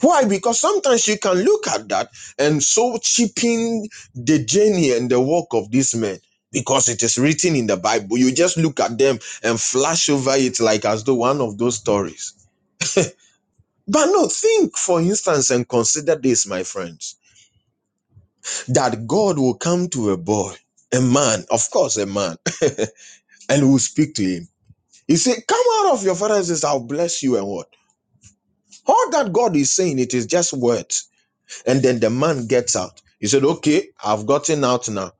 Why? Because sometimes you can look at that and so cheapen the journey and the work of these men. Because it is written in the Bible, you just look at them and flash over it like as though one of those stories. But no, think for instance and consider this, my friends that God will come to a boy, a man, of course, a man, (laughs) and will speak to him. He said, Come out of your father's house, I'll bless you and what? All that God is saying, it is just words. And then the man gets out. He said, Okay, I've gotten out now.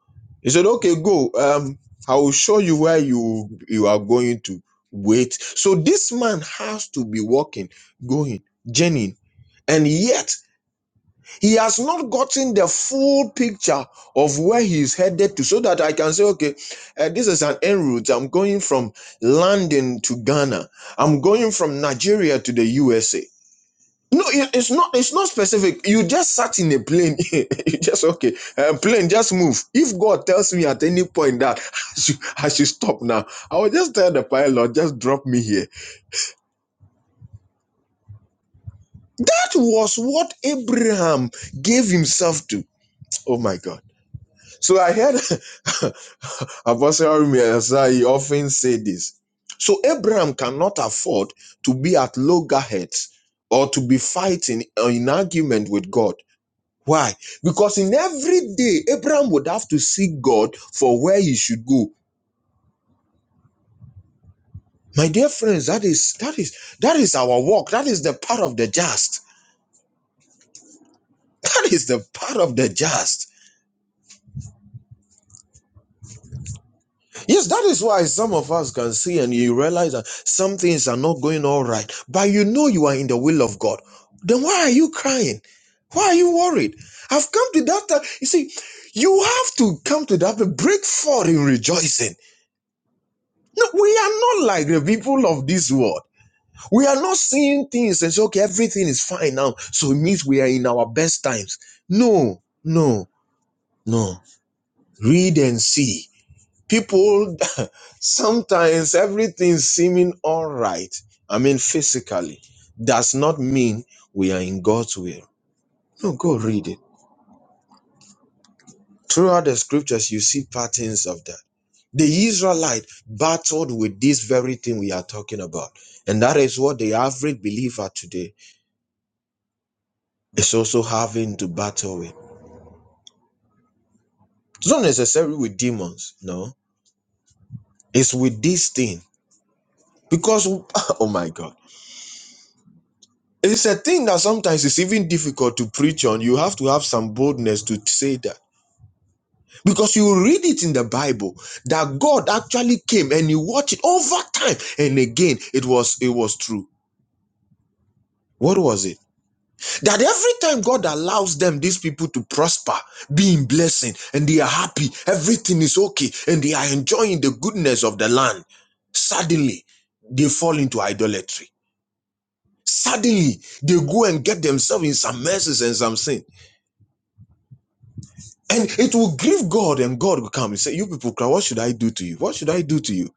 He said, Okay, go. Um, I will show you where you you are going to wait. So this man has to be walking, going, journeying, and yet he has not gotten the full picture of where he is headed to so that i can say okay uh, this is an en route i'm going from london to ghana i'm going from nigeria to the usa no it- it's not it's not specific you just sat in a plane (laughs) you just okay uh, plane just move if god tells me at any point that (laughs) I should, I should stop now i will just tell the pilot just drop me here that was what abraham gave himself to oh my god So I heard (laughs) Apostle Arumi Asai (laughs) often say this. So Abraham cannot afford to be at loggerheads or to be fighting or in argument with God. Why? Because in every day, Abraham would have to seek God for where he should go. My dear friends, that is that is that is our walk. That is the part of the just. That is the part of the just. Yes, that is why some of us can see and you realize that some things are not going all right, but you know you are in the will of God. Then why are you crying? Why are you worried? I've come to that time. You see, you have to come to that, but break forth in rejoicing. No, we are not like the people of this world. We are not seeing things and say, okay, everything is fine now. So it means we are in our best times. No, no, no. Read and see. People (laughs) sometimes everything seeming all right, I mean physically, does not mean we are in God's will. No, go read it. Throughout the scriptures, you see patterns of that. The Israelite battled with this very thing we are talking about. And that is what the average believer today is also having to battle with. It's not necessarily with demons, no. It's with this thing. Because, (laughs) oh my God. It's a thing that sometimes is even difficult to preach on. You have to have some boldness to say that. Because you read it in the Bible that God actually came and you watch it over time and again it was it was true. What was it? That every time God allows them, these people to prosper, be in blessing, and they are happy, everything is okay, and they are enjoying the goodness of the land. Suddenly, they fall into idolatry. Suddenly, they go and get themselves in some messes and some sin. And it will grieve God, and God will come and say, You people cry, what should I do to you? What should I do to you?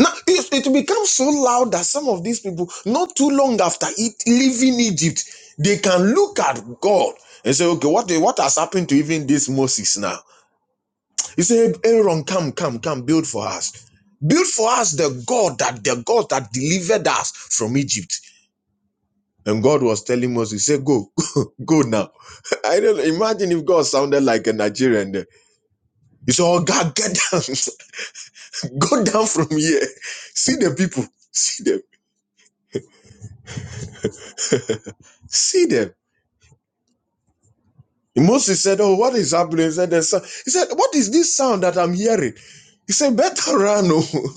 Now, it, it becomes so loud that some of these people, not too long after it, leaving Egypt, they can look at God and say, Okay, what, what has happened to even this Moses now? He said, Aaron, come, come, come, build for us. Build for us the God that the God that delivered us from Egypt. And God was telling Moses, say, go, (laughs) go now. (laughs) I don't know, imagine if God sounded like a Nigerian You say, Oh God, get down. (laughs) Go down from here. See the people. See them. See them. And Moses said, Oh, what is happening? He said, "There's some-" he said, What is this sound that I'm hearing? He said, Better run. oh. (laughs)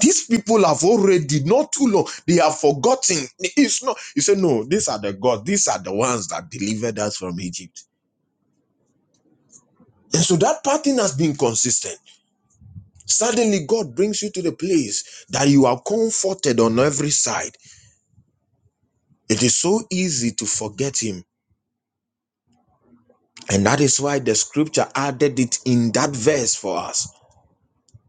These people have already, not too long, they have forgotten. It's not. He said, No, these are the gods. These are the ones that delivered us from Egypt. And so that pattern has been consistent. Suddenly, God brings you to the place that you are comforted on every side. It is so easy to forget Him And that is why the scripture added it in that verse for us.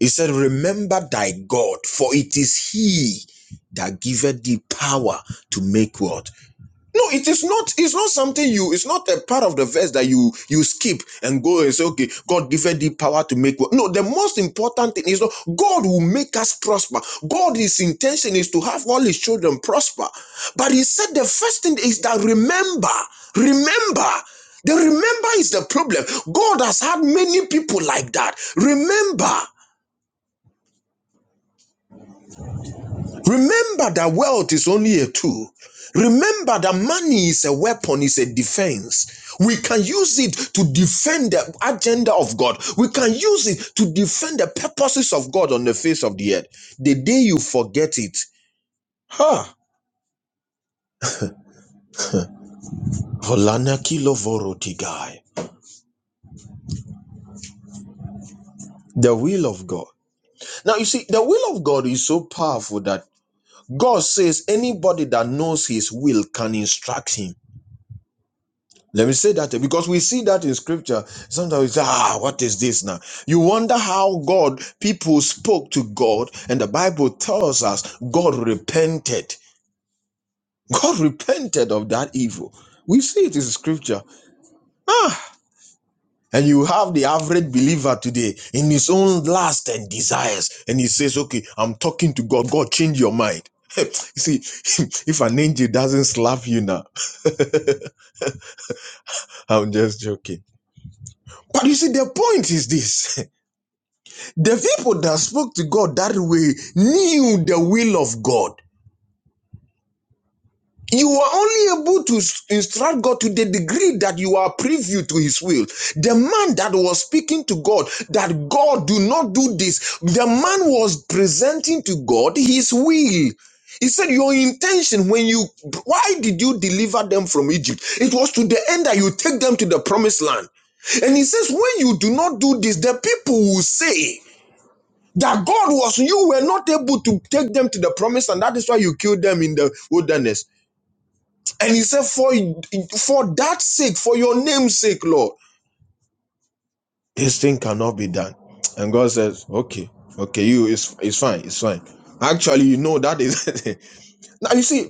It said, Remember thy God, for it is he that giveth thee power to make what? No, it is not. It's not something you. It's not a part of the verse that you you skip and go and say, "Okay, God given thee power to make." wealth." No, the most important thing is not God will make us prosper. God, His intention is to have all His children prosper. But He said the first thing is that remember, remember. The remember is the problem. God has had many people like that. Remember. Remember that wealth is only a tool. Remember that money is a weapon, is a defense. We can use it to defend the agenda of God. We can use it to defend the purposes of God on the face of the earth. The day you forget it, ha, Volana kilovorotigai. the will of God. Now you see, the will of God is so powerful that God says anybody that knows his will can instruct him. Let me say that because we see that in scripture. Sometimes we say, ah, what is this now? You wonder how God, people spoke to God, and the Bible tells us God repented. God (laughs) repented of that evil. We see it in scripture. Ah, and you have the average believer today in his own lust and desires. And he says, okay, I'm talking to God. God, change your mind. (laughs) you see, (laughs) if an angel doesn't slap you now, (laughs) I'm just joking. But you see, the point is this. (laughs) The people that spoke to God that way knew the will of God. You were only able to instruct God to the degree that you are preview to his will. The man that was speaking to God, that God do not do this, the man was presenting to God his will. He said, Your intention when you, why did you deliver them from Egypt? It was to the end that you take them to the promised land. And he says, When you do not do this, the people will say, that God was you were not able to take them to the promise, and that is why you killed them in the wilderness. And he said, For for that sake, for your name's sake, Lord, this thing cannot be done. And God says, Okay, okay, you it's it's fine, it's fine. Actually, you know that is (laughs) now you see.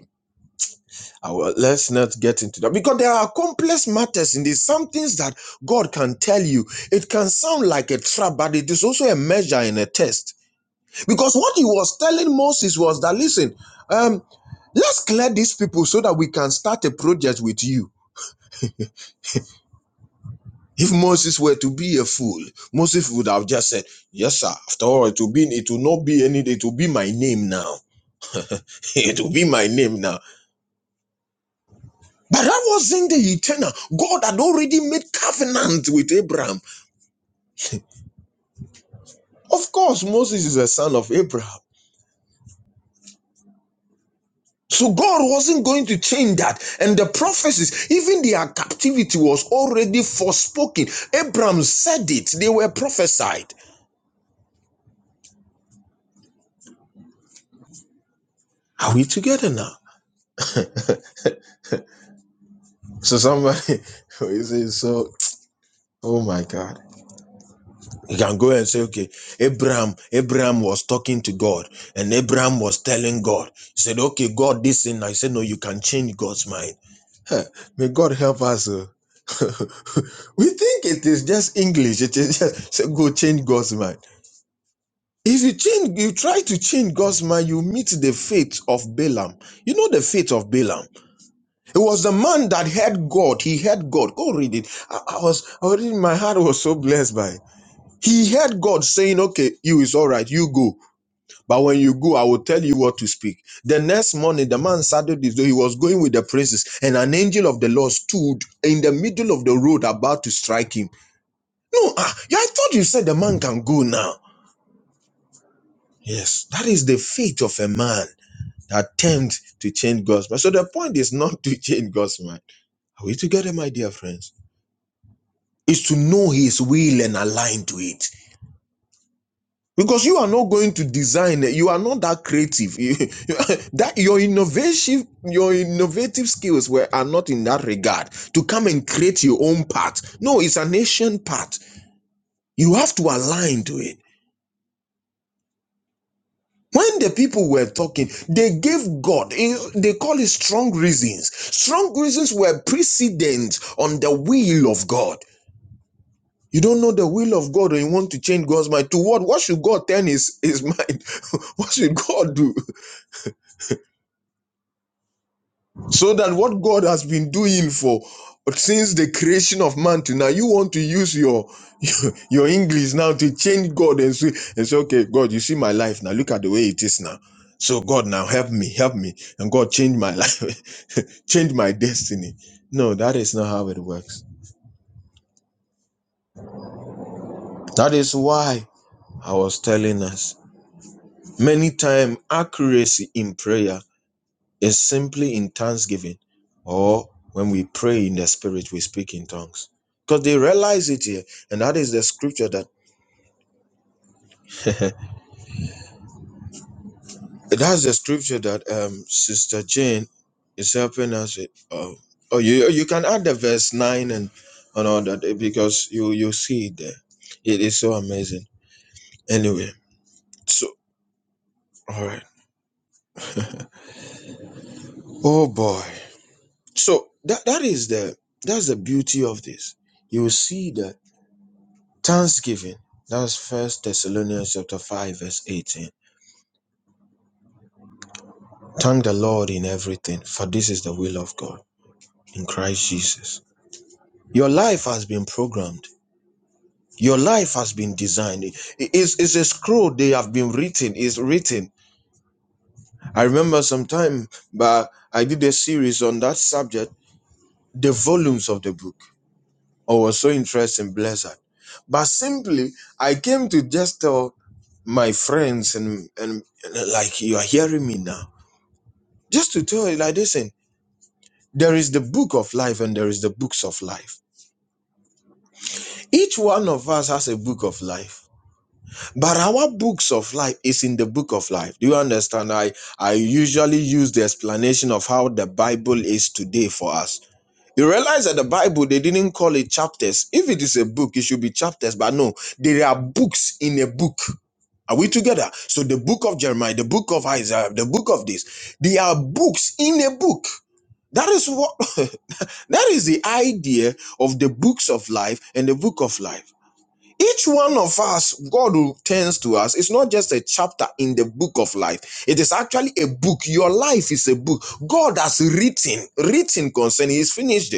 well, Let's not get into that because there are complex matters in this. Some things that God can tell you, it can sound like a trap, but it is also a measure and a test. Because what He was telling Moses was that listen, um. Let's clear these people so that we can start a project with you. If Moses were to be a fool, Moses would have just said, Yes, sir. After all, it will be it will not be any it will be my name now. (laughs) it will be my name now. But that wasn't the eternal. God had already made covenant with Abraham. Of course, Moses is a son of Abraham. So God wasn't going to change that. And the prophecies, even their captivity was already forespoken. Abraham said it, they were prophesied. Are we together now? So somebody (laughs) you say so oh my god. You can go and say, okay, Abraham, Abraham was talking to God, and Abraham was telling God. He said, Okay, God, this thing. I said, No, you can change God's mind. May God help us. oh. (laughs) we think it is just English. It is just say, go change God's mind. If you change, you try to change God's mind, you meet the fate of Balaam. You know the fate of Balaam. It was the man that heard God. He heard God. Go read it. I, I was, I my heart was so blessed by it. He heard God saying, Okay, you is all right, you go. But when you go, I will tell you what to speak. The next morning, the man started this. He was going with the princes, and an angel of the Lord stood in the middle of the road about to strike him. No, ah, yeah, I thought you said the man can go now. Yes, that is the fate of a man that attempts to change God's mind. So the point is not (laughs) to change God's mind. Are we together, my dear friends? is to know his will and align to it because you are not going to design you are not that creative You- (laughs) that your innovative your innovative skills were are not in that regard to come and create your own path no it's an ancient path you have to align to it when the people were talking they gave god eh, they call it strong reasons strong reasons were precedent on the will of god You don't know the will of God or you want to change God's mind. To what? What should God turn his, his mind? (laughs) what should God do? So that what God has been doing for since the creation of man to now, you want to use your (laughs) your, your English now to change God and say, and say, okay, God, you see my life now. Look at the way it is now. So God now help me, help me. And God change my life, (laughs) change my destiny. No, that is not how it works. That is why I was telling us. Many times accuracy in prayer is simply in thanksgiving or when we pray in the spirit we speak in tongues because they realize it here and that is the scripture that that's the scripture that um sister Jane is helping us with. Oh, oh you you can add the verse 9 and and all that eh, because you you see it there it is so amazing anyway so all right oh boy so that that is the that's the beauty of this you will see that Thanksgiving. That's First Thessalonians chapter 5, verse 18. Thank the Lord in everything, for this is the will of God in Christ Jesus. Your life has been programmed. Your life has been designed. It's, it's a scroll they have been written. It's written. I remember some time but I did a series on that subject, the volumes of the book. I was so interested in Blizzard. But simply, I came to just tell my friends and, and and like you are hearing me now Just to tell you, like, listen, there is the book of life and there is the books of life. Each one of us has a book of life. But our books of life is in the book of life. Do you understand? I, I usually use the explanation of how the Bible is today for us. You realize that the Bible, they didn't call it chapters. If it is a book, it should be chapters. But no, there are books in a book. Are we together? So the book of Jeremiah, the book of Isaiah, the book of this, they are books in a book. That is what. (laughs) That is the idea of the books of life and the book of life. Each one of us, God who turns to us, it's not just a chapter in the book of life. It is actually a book. Your life is a book. God has written, written concerning, He's finished it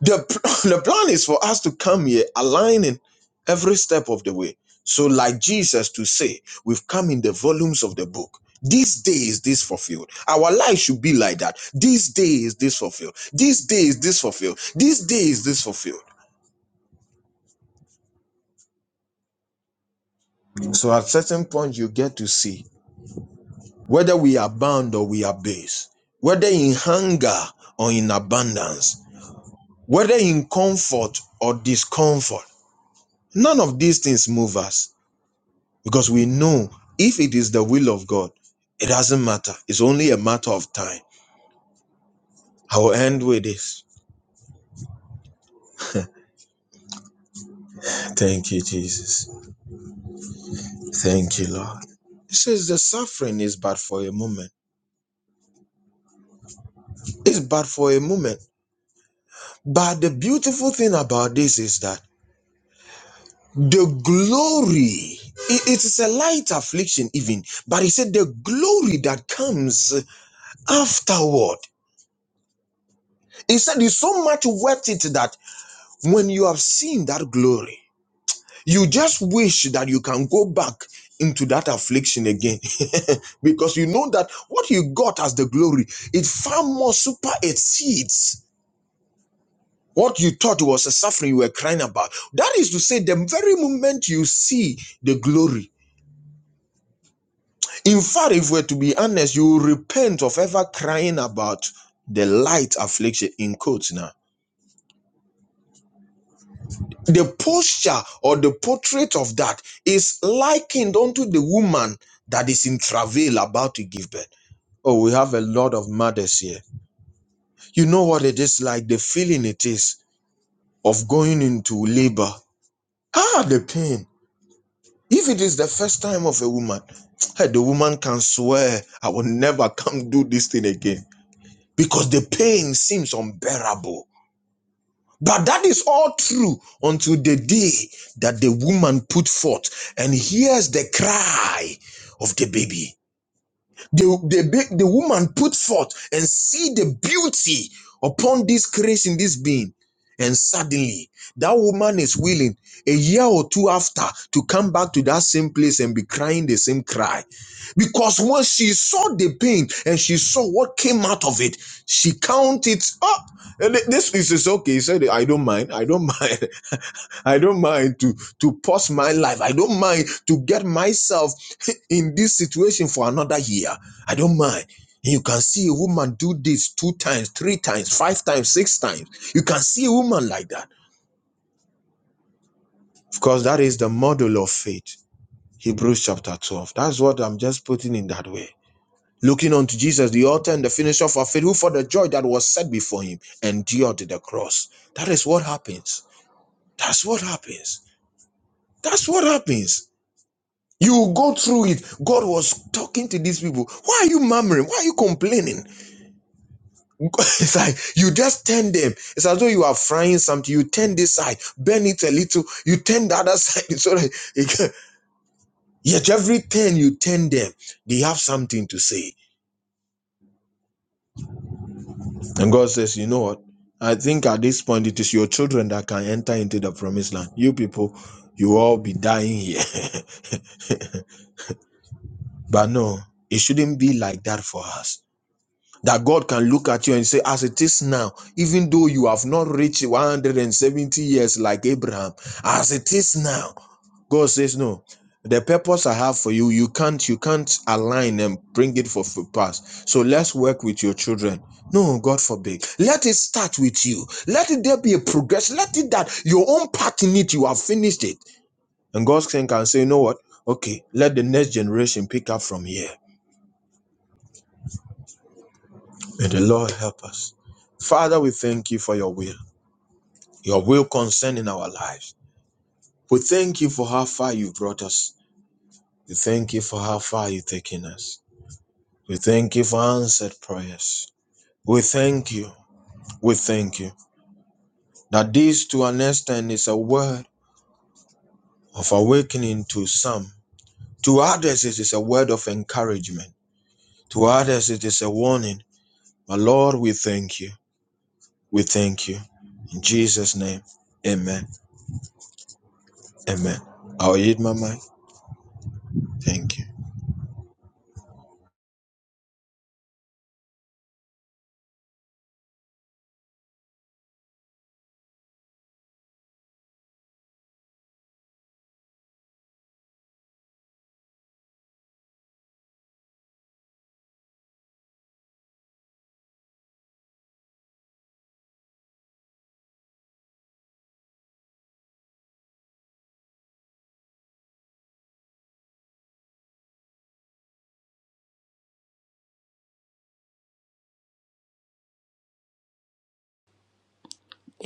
the p- (laughs) (clears throat) the plan is for us to come here aligning every step of the way so like jesus to say we've come in the volumes of the book this day is this fulfilled our life should be like that this day is this fulfilled this day is this fulfilled this day is this fulfilled so at certain point you get to see whether we are bound or we are base whether in hunger or in abundance whether in comfort or discomfort none of these things move us because we know if it is the will of God, it doesn't matter. It's only a matter of time. I will end with this. Thank you, Jesus. Thank you, Lord. It says the suffering is but for a moment. It's but for a moment. But the beautiful thing about this is that the glory, it it is a light affliction, even. But he said the glory that comes afterward. He said it's so much worth it that when you have seen that glory, You just wish that you can go back into that affliction again (laughs) because you know that what you got as the glory, it far more super exceeds what you thought was a suffering you were crying about. That is to say, the very moment you see the glory, in fact, if we're to be honest, you will repent of ever crying about the light affliction in quotes now. The posture or the portrait of that is likened unto the woman that is in travail about to give birth. Oh, we have a lot of mothers here. You know what it is like, the feeling it is of going into labor. Ah, the pain. If it is the first time of a woman, (tsk) hey, the woman can swear, I will never come do this thing again because the pain seems unbearable. But that is all true until the day that the woman put forth and hears the cry of the baby. The, the, the woman put forth and see the beauty upon this grace in this being. And suddenly, that woman is willing a year or two after to come back to that same place and be crying the same cry. Because when she saw the pain and she saw what came out of it, she counted up. And this is is okay. He said, I don't mind. I don't (laughs) mind. I don't mind to to pause my life. I don't mind to get myself (laughs) in this situation for another year. I don't mind. You can see a woman do this two times, three times, five times, six times. You can see a woman like that. Of course, that is the model of faith. Hebrews chapter 12. That's what I'm just putting in that way. Looking unto Jesus, the author and the finisher of our faith, who for the joy that was set before him endured the cross. That is what happens. That's what happens. That's what happens. You will go through it. God was talking to these people. Why are you murmuring? Why are you complaining? (laughs) It's like you just turn them. It's as though you are frying something. You turn this side, burn it a little. You turn the other (laughs) side. So that it can- (laughs) yet every turn you turn them, they have something to say. And God says, you know what? I think at this point it is your children that can enter into the promised land. You people, you all be dying here. (laughs) but no, it shouldn't be like that for us. that God can look at you and say, as it is now, even though you have not reached 170 years like Abraham, as it is now, God says, no. The purpose I have for you, you can't, you can't align and bring it for for pass. So let's work with your children. No, God forbid. Let it start with you. Let it there be a progress. Let it that your own part in it, you have finished it. And God can say, you know what? Okay, let the next generation pick up from here. May the Lord help us. Father, we thank you for your will, your will concerning our lives. We thank you for how far you brought us. We thank you for how far you've taken us. We thank you for answered prayers. We thank you. We thank you that this to understand is a word of awakening to some. To others, it is a word of encouragement. To others, it is a warning. But Lord, we thank you. We thank you. In Jesus' name, amen. Amen. I'll eat my mind. Thank you.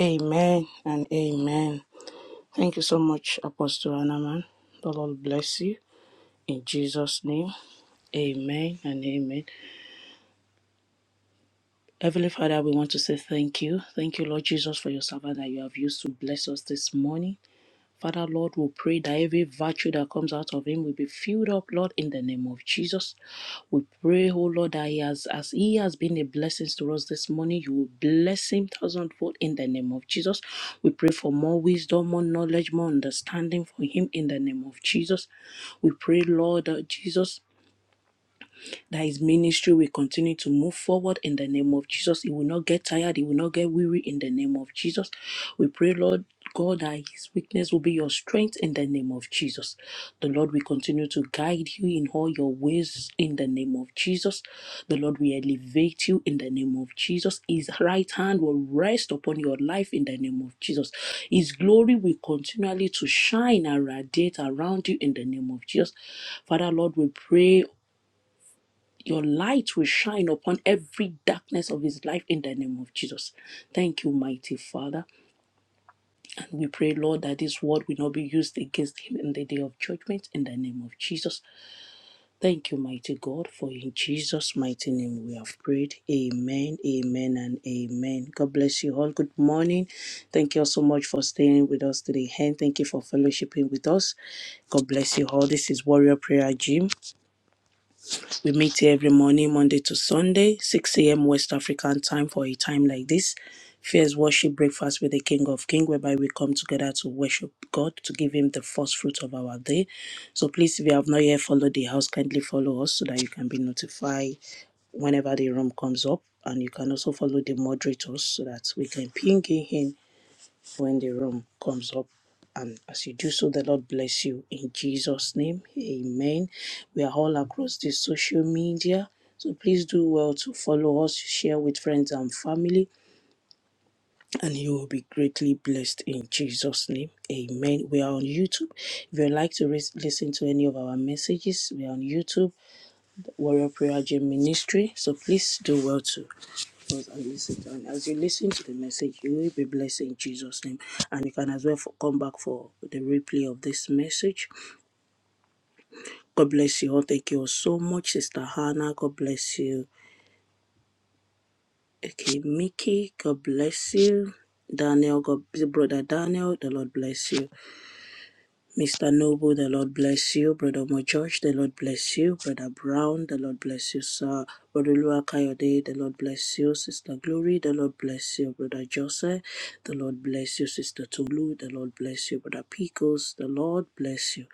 Amen and amen. Thank you so much, Apostle Anaman. The Lord bless you in Jesus' name. Amen and amen. Heavenly Father, we want to say thank you. Thank you, Lord Jesus, for your servant that you have used to bless us this morning. Father, Lord, we pray that every virtue that comes out of him will be filled up, Lord, in the name of Jesus. We pray, oh Lord, that he has, as he has been a blessing to us this morning, you will bless him thousandfold in the name of Jesus. We pray for more wisdom, more knowledge, more understanding for him in the name of Jesus. We pray, Lord uh, Jesus that his ministry will continue to move forward in the name of Jesus. He will not get tired, he will not get weary in the name of Jesus. We pray, Lord God, that his weakness will be your strength in the name of Jesus. The Lord will continue to guide you in all your ways in the name of Jesus. The Lord will elevate you in the name of Jesus. His right hand will rest upon your life in the name of Jesus. His glory will continually to shine and radiate around you in the name of Jesus. Father, Lord, we pray your light will shine upon every darkness of his life in the name of Jesus. Thank you, mighty Father. And we pray, Lord, that this word will not be used against him in the day of judgment in the name of Jesus. Thank you, mighty God, for in Jesus' mighty name we have prayed. Amen, amen, and amen. God bless you all. Good morning. Thank you all so much for staying with us today. And thank you for fellowshipping with us. God bless you all. This is Warrior Prayer Gym. We meet here every morning, Monday to Sunday, 6 a.m. West African time for a time like this. Fears worship breakfast with the King of Kings, whereby we come together to worship God, to give Him the first fruit of our day. So please, if you have not yet followed the house, kindly follow us so that you can be notified whenever the room comes up. And you can also follow the moderators so that we can ping in when the room comes up. And as you do so, the Lord bless you in Jesus' name. Amen. We are all across the social media. So please do well to follow us, share with friends and family, and you will be greatly blessed in Jesus' name. Amen. We are on YouTube. If you'd like to ris- listen to any of our messages, we are on YouTube, Warrior Prayer Gym Ministry. So please do well to and listen to- and as you listen to the message you will be blessed in jesus name and you can as well for, come back for the replay of this message god bless you all thank you all so much sister hannah god bless you okay mickey god bless you daniel god brother daniel the lord bless you Mr. Noble, the Lord bless you. Brother George, the Lord bless you. Brother Brown, the Lord bless you, sir. Brother Lua Kayode, the Lord bless you. Sister Glory, the Lord bless you. Brother Joseph, the Lord bless you. Sister Tolu, the Lord bless you. Brother Picos, the Lord bless you.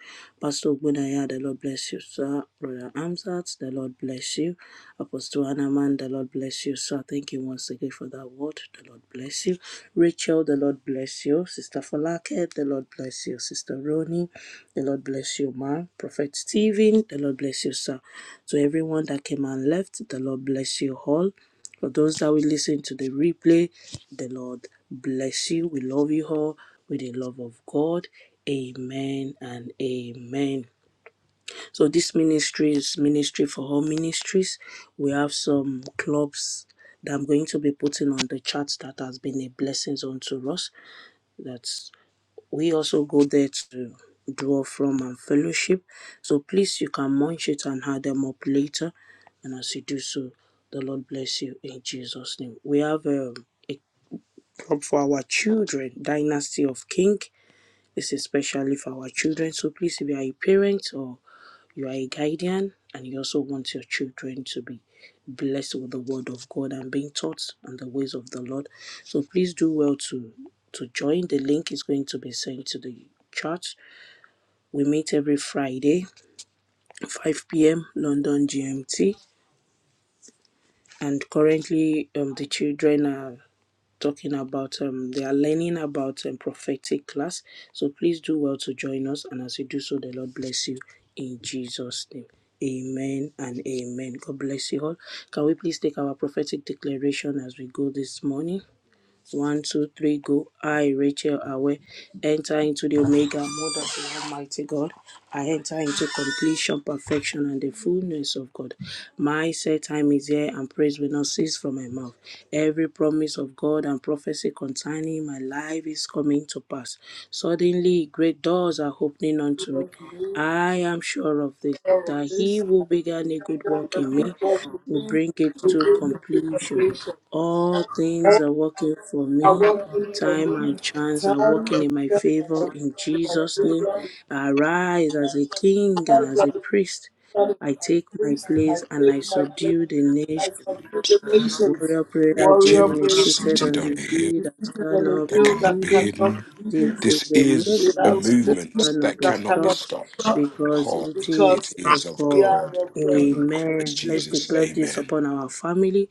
Pastor Ogunaya, the Lord bless you, sir. brother. Victoria Amsat. The Lord bless you. Apostle Anaman, the Lord bless you. So I thank you once again for that word. The Lord bless you. Rachel, the Lord bless you. Sister Falake, the Lord bless you. Sister Ronnie. the Lord bless you, ma. Prophet Stephen, the Lord bless you, sir. To everyone that came and left, the Lord bless you all. For those that will listen to the replay, the Lord bless you. We love you all with the love of God. Amen and amen. So this ministry is ministry for all ministries. We have some clubs that I'm going to be putting on the chat that has been a blessing unto us. That we also go there to draw from and fellowship. So please you can munch it and add them up later. And as you do so, the Lord bless you in Jesus' name. We have um, a club for our children, Dynasty of King. This is especially for our children. So please if you are a parent or you are a guardian and you also want your children to be blessed with the word of God and being taught on the ways of the Lord. So please do well to to join. The link is going to be sent to the chat. We meet every Friday, 5 p.m. London GMT. And currently, um, the children are talking about um they are learning about um, prophetic class so please do well to join us and as you do so the lord bless you in jesus name amen and amen god bless you all can we please take our prophetic declaration as we go this morning one, two, three, go. I, Rachel Awe, enter into the Omega Mother of the Almighty God. I enter into completion, perfection, and the fullness of God. My set time is here, and praise will not cease from my mouth. Every promise of God and prophecy concerning my life is coming to pass. Suddenly, great doors are opening unto me. I am sure of this,
Lord,
that he
this
who began a good
that
work
the
in
good
me
God will
will
bring
bring it
will
to
bring you to
completion.
completion.
All things are working for
All that
me.
work in your
Time and
need,
chance
time
are
and
working in my
strength
favor.
are working
In
with my
Jesus' name,
children.
I arise as a
God,
king and
you
as
are
a
the
priest.
God of
I take my
priest. I
place and I
take my place.
subdue the
I
nation.
subdue the nations.
Warrior prayer,
Warrior
Jim
Jim
is
is
praise you.
seated
seated
on
on a
the
hill
hill that
seated on a
cannot
that
be
hill
cannot
that
be
hidden.
cannot
hidden.
be hidden.
This is
This
the
We
is a
are
movement
a
that
movement
movement
cannot
that
be
that
cannot be
cannot
stopped
be
stopped
stopped
because it
because
because
it
is of
is of
we
God.
are
God
of God.
in Christ
Amen. Let's
Jesus.
Amen.
declare this
Amen.
upon our family.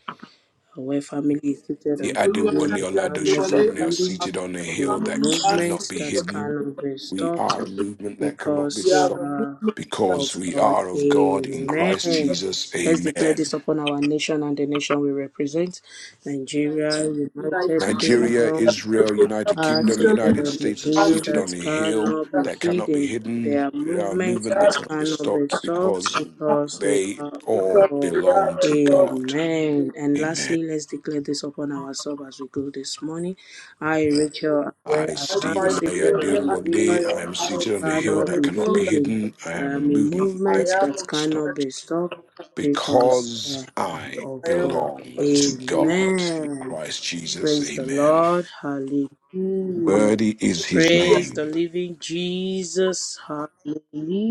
Our family is seated
The
The
on the hill
Adewale
Oluwakari
that
Oladoshi
cannot be
Adewale
family are
and the
hidden.
seated on a
Akintayo
There
hill
are
family
that
are
cannot
movements
be
seated
that
on
hidden.
cannot be
We
stopped
are a movement that cannot be
because
the
they
Yara
stopped
movement
are
that
because
of
we
God.
are of God in Christ
Amen.
Jesus.
Let's declare
Amen.
this upon our nation and the nation we represent Nigeria, United
Nigeria,
Nigeria,
Kingdom,
Ethiopia,
Israel, United
our
Kingdom,
secret
Italy
United
are the
States are
are
veil
seated on
that
a
seated
hill
cannot
that
be
that cannot be
hidden. They
hidden,
are
a
movements
they
movement that
that
are
cannot be
cannot be
stopped
stopped
because
because they
they
are
because
all
for
they
belong
are
to
of God.
God.
Amen.
The
And
Amen.
lastly, let's declare this upon ourselves as we go this morning. I, Rachel, am
I,
where I am
Stephen
high
seated on
the
the
Oluwakari
hill
Adewale
Ayadiolwale, I am
I
that
am
seated on a
seated
hill
on
cannot
that
the
be
cannot
hill
be
that
hidden.
hidden. I
I
am a
am a
movement
I
that
movement
cannot be
am
that
of
cannot
stopped
be stopped because
because
I am
God,
I
I
of
am
God.
of
belong
God.
to
Amen.
God in
Amen.
Christ Jesus.
Praise the
Amen.
Lord. Hallelujah.
Worthy is his
Praise
name.
the living Jesus.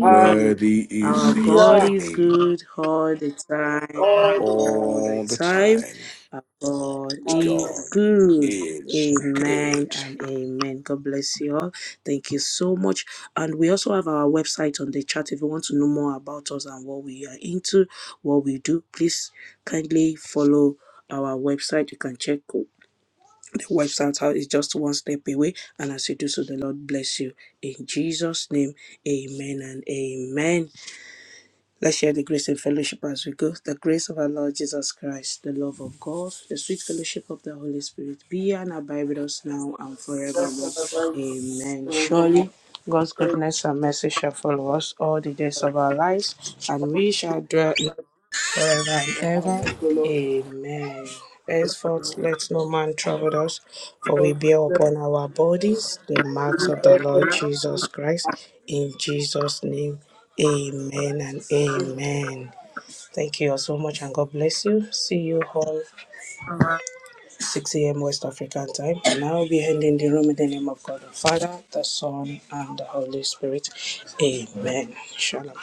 Ah,
is
Our
his
God is
name
good all the time and all the
all the
time.
time.
Our God is
God
good.
is
Amen
good.
and amen. God bless you all. Thank you so much. And we also have our website on the chat if you want to know more about us and what we are into, what we do. Please kindly follow our website. You can check website out is just one step away. And as you do so, the Lord bless you. In Jesus' name, amen and amen. Let's share the grace and fellowship as we go. The grace of our Lord Jesus Christ, the love of God, the sweet fellowship of the Holy Spirit be and abide with us now and
that's kind
forevermore.
of very good
Amen.
forevermore
Surely. God's goodness and mercy shall follow us all the days of our lives, and we shall dwell in forever and
in the house
ever.
of the Lord.
Amen. Henceforth, let no man trouble us, for
God
we bear
bless
upon our bodies the marks
you,
of the
God,
Lord
for
Jesus Christ. In Jesus' name, amen and amen. Thank you all so much, and God bless you. See you all 6 a.m. West African time. And I will be ending the room in the name of God the Father, the Son, and the Holy Spirit. Amen. Shalom.